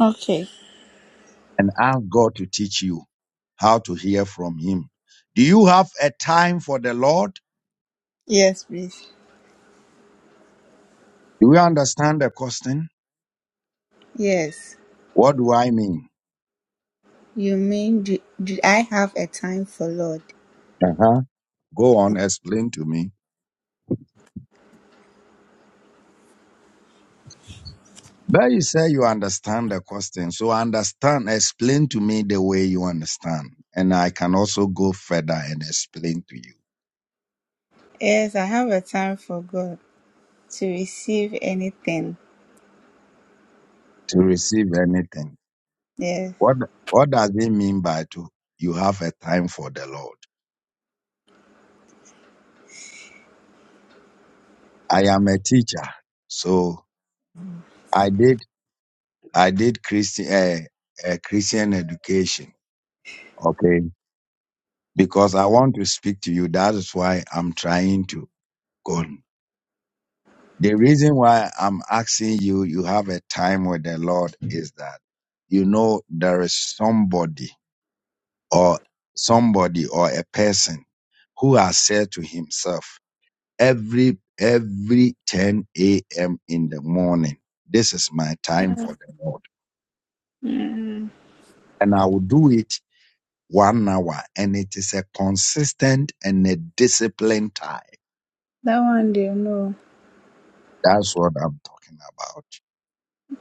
[SPEAKER 5] Okay. Yes, please. Yes. You mean do, do I have a time for Lord? Yes, I have a time for God to receive anything. Yes. Mm, that one they know.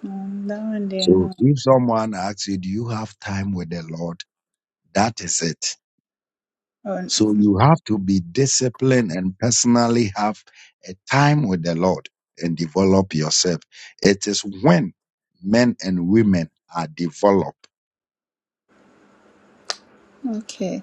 [SPEAKER 5] Um, that one they know. Oh, okay.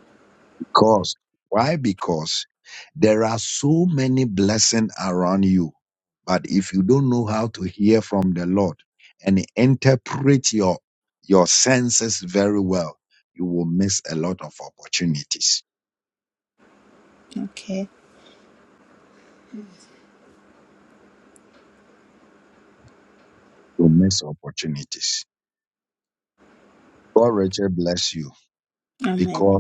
[SPEAKER 5] Okay. Amen.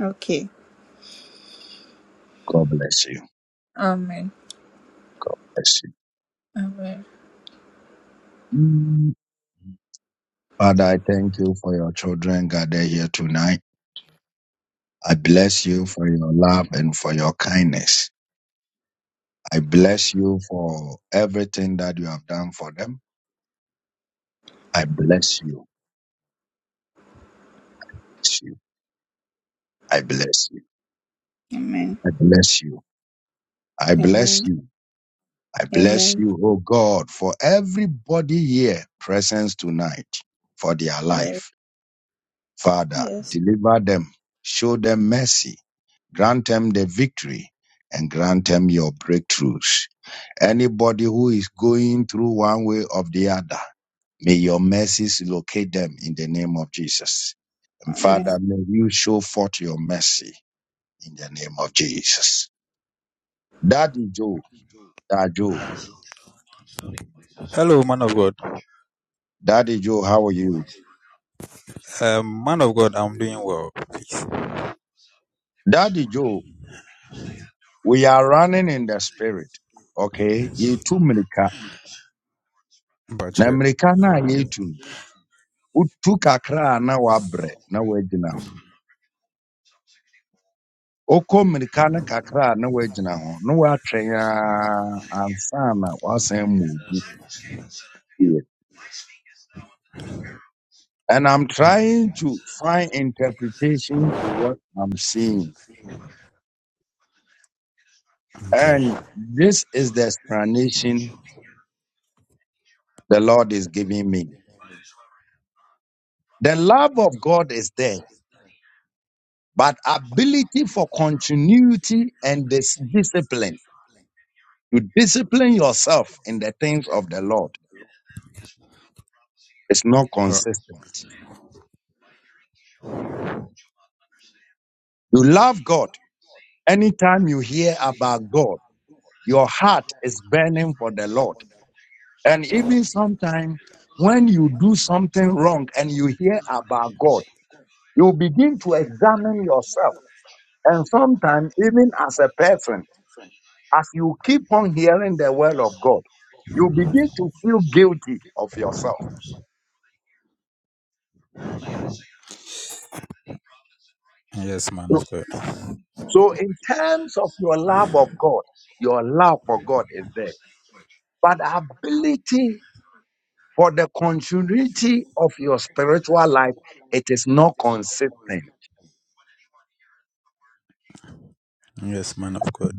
[SPEAKER 5] Okay. Amen. Amen. Amen. Amen. Amen. Yes. Yes. Amen.
[SPEAKER 15] Hello, man of God. Um, man of God, I'm doing well. But you? Okay. Oh, yes, man of God. Yes, man of God.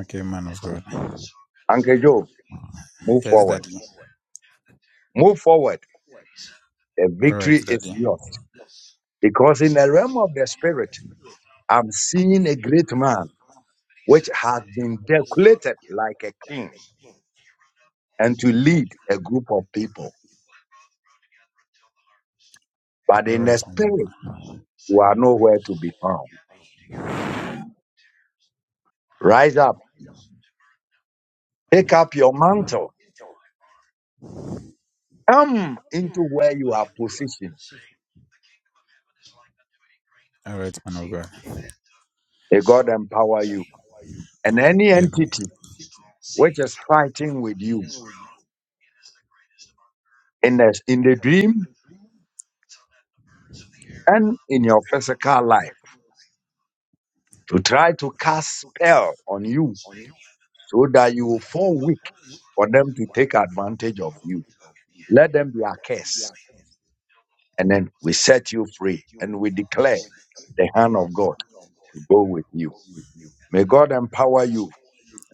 [SPEAKER 15] Okay, man of God. Yes, daddy. All right, daddy. All right, man of God. All right, man of God. Amen.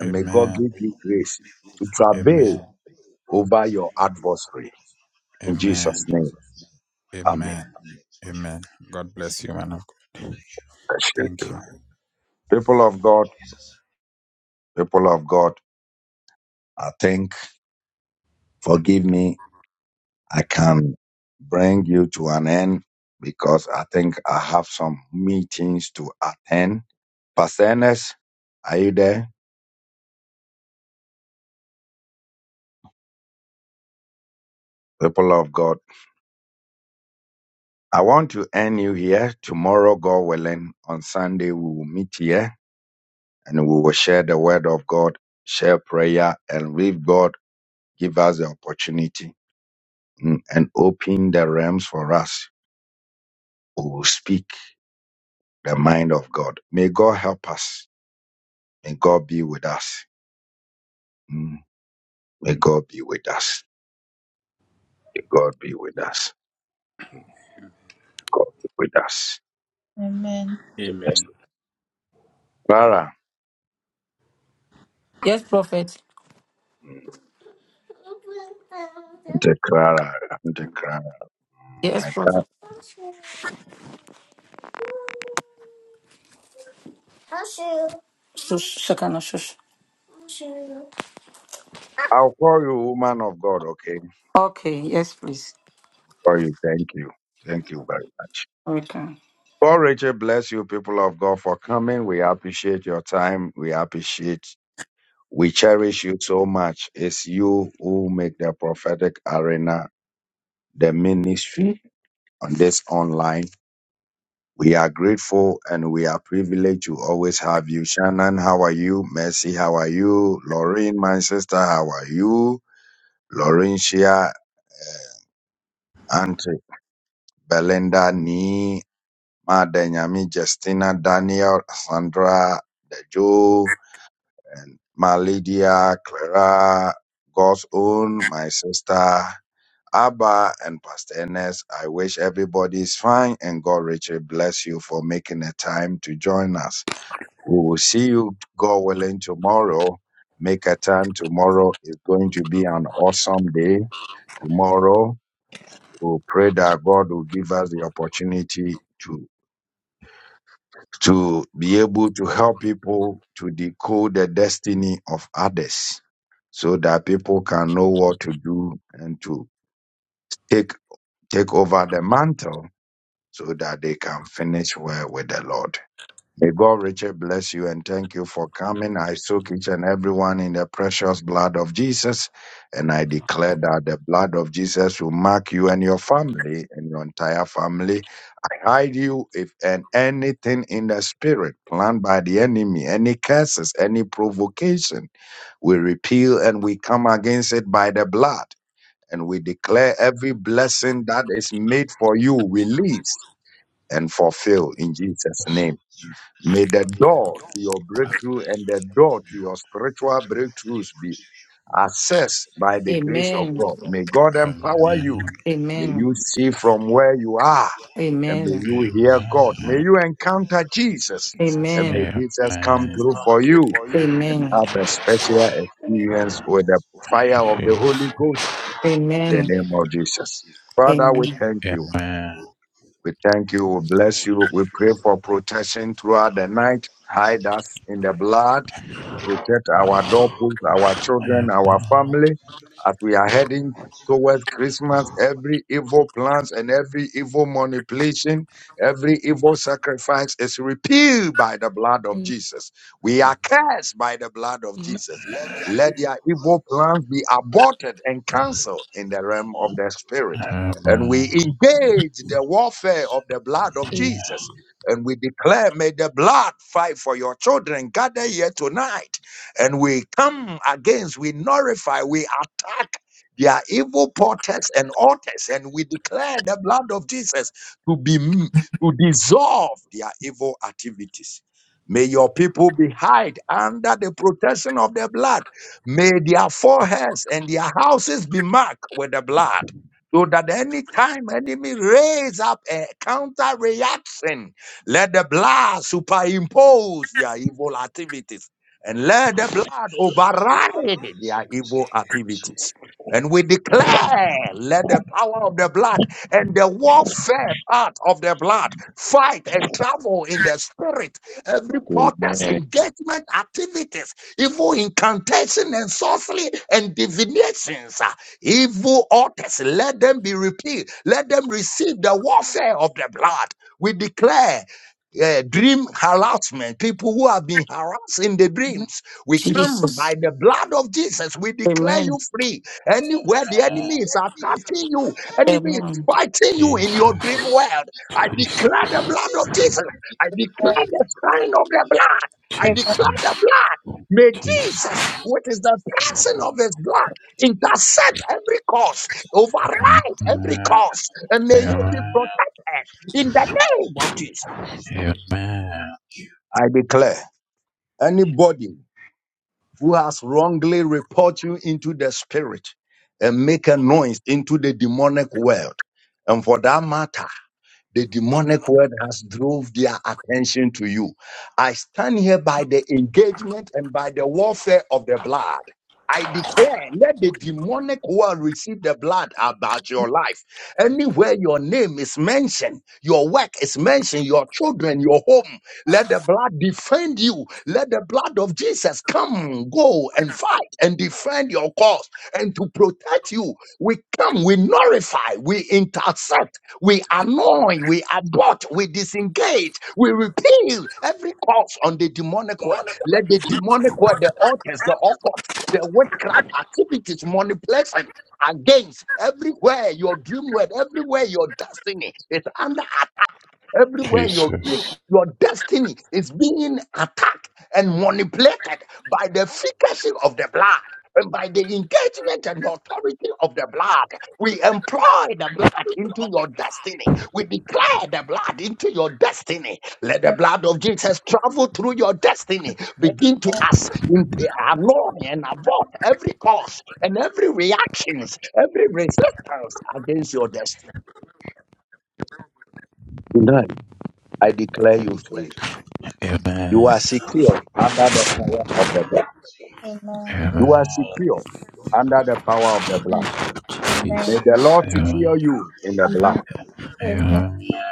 [SPEAKER 15] Amen. Amen. Amen. Amen. Amen. God bless you, man of God. Thank you.
[SPEAKER 5] Amen.
[SPEAKER 6] Amen.
[SPEAKER 1] Yes, prophet. Yes, prophet. Shush, Shekinah, shush. Okay. Yes, please. Okay. Amen.
[SPEAKER 15] Amen.
[SPEAKER 1] Amen. Amen.
[SPEAKER 15] Amen.
[SPEAKER 1] Amen.
[SPEAKER 15] Amen. I
[SPEAKER 1] Amen. Amen. In
[SPEAKER 15] Amen.
[SPEAKER 19] Amen. Amen.
[SPEAKER 15] Amen.
[SPEAKER 19] Amen.
[SPEAKER 1] Jesus. Amen. Amen.
[SPEAKER 15] Jesus. Jesus. Jesus. Jesus. Amen. Amen. Amen. Jesus.
[SPEAKER 19] Amen.
[SPEAKER 15] Amen. Amen. Jesus. Amen.
[SPEAKER 19] Amen.
[SPEAKER 15] Amen.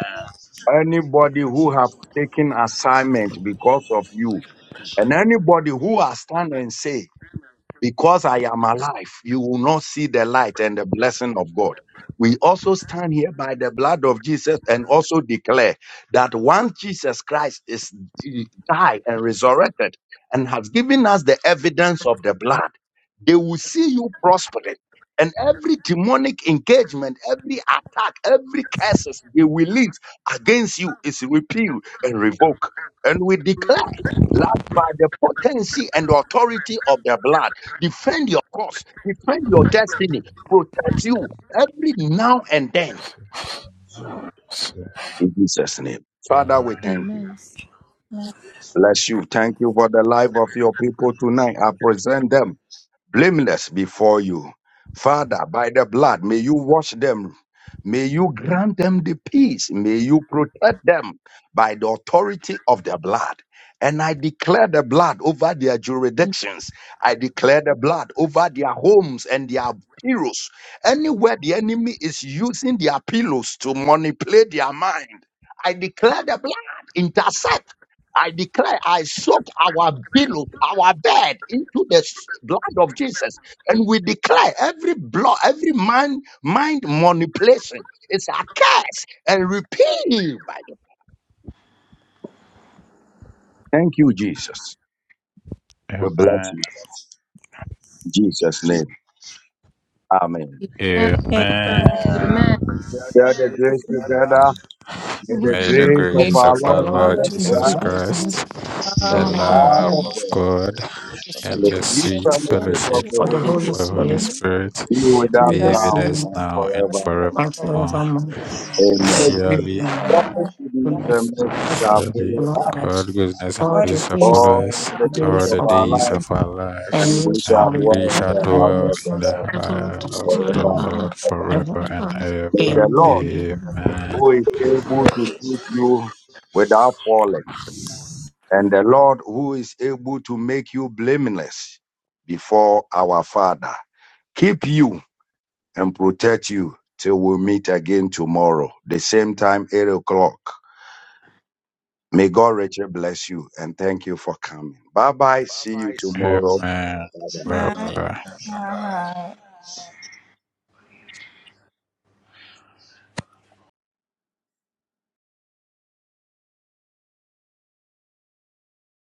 [SPEAKER 15] Jesus. Amen.
[SPEAKER 19] Amen. Amen.
[SPEAKER 15] Amen.
[SPEAKER 19] Amen.
[SPEAKER 5] In
[SPEAKER 7] Amen.
[SPEAKER 15] Amen.
[SPEAKER 19] Amen.
[SPEAKER 15] Amen. May the
[SPEAKER 16] Amen.
[SPEAKER 1] Grace
[SPEAKER 15] grace of
[SPEAKER 1] of our
[SPEAKER 15] our
[SPEAKER 1] Lord
[SPEAKER 15] Lord
[SPEAKER 16] Lord
[SPEAKER 1] Jesus
[SPEAKER 15] Jesus
[SPEAKER 16] Jesus
[SPEAKER 1] Christ,
[SPEAKER 15] Christ,
[SPEAKER 16] Christ,
[SPEAKER 1] the
[SPEAKER 15] the
[SPEAKER 16] all
[SPEAKER 5] love
[SPEAKER 16] of
[SPEAKER 5] of
[SPEAKER 1] love of
[SPEAKER 15] love
[SPEAKER 16] the
[SPEAKER 1] God,
[SPEAKER 15] of God,
[SPEAKER 7] Amen.
[SPEAKER 1] the sweet
[SPEAKER 15] and the
[SPEAKER 5] Christ,
[SPEAKER 15] sweet
[SPEAKER 1] fellowship
[SPEAKER 5] all
[SPEAKER 15] fellowship
[SPEAKER 5] people
[SPEAKER 1] of the Holy
[SPEAKER 16] Holy
[SPEAKER 15] of the Holy
[SPEAKER 1] Spirit,
[SPEAKER 16] Spirit,
[SPEAKER 15] Spirit
[SPEAKER 1] be
[SPEAKER 7] Amen.
[SPEAKER 15] be
[SPEAKER 5] that
[SPEAKER 1] this
[SPEAKER 15] with us
[SPEAKER 1] now
[SPEAKER 15] now and
[SPEAKER 1] and
[SPEAKER 5] will
[SPEAKER 15] forevermore.
[SPEAKER 1] forevermore.
[SPEAKER 7] Amen.
[SPEAKER 15] Surely,
[SPEAKER 5] have
[SPEAKER 1] Amen. The mercy of
[SPEAKER 15] surely,
[SPEAKER 1] the Lord acts.
[SPEAKER 15] God, goodness, and
[SPEAKER 1] All
[SPEAKER 5] all
[SPEAKER 1] the
[SPEAKER 15] mercy shall
[SPEAKER 5] days
[SPEAKER 1] days of
[SPEAKER 15] follow us
[SPEAKER 1] the
[SPEAKER 5] of
[SPEAKER 15] all
[SPEAKER 1] days
[SPEAKER 15] the
[SPEAKER 1] of
[SPEAKER 15] days of
[SPEAKER 1] enemy,
[SPEAKER 15] our
[SPEAKER 1] and
[SPEAKER 15] lives,
[SPEAKER 1] we shall
[SPEAKER 15] and we
[SPEAKER 1] endure
[SPEAKER 15] shall
[SPEAKER 16] now
[SPEAKER 1] in
[SPEAKER 15] dwell
[SPEAKER 16] and
[SPEAKER 1] life.
[SPEAKER 15] in the
[SPEAKER 16] forever
[SPEAKER 15] house of the Lord
[SPEAKER 16] and
[SPEAKER 1] ever.
[SPEAKER 15] forever and
[SPEAKER 16] ever.
[SPEAKER 15] ever.
[SPEAKER 1] in.
[SPEAKER 15] Amen. Amen,
[SPEAKER 5] my life. Goodbye.
[SPEAKER 15] Barbara.
[SPEAKER 5] Bye.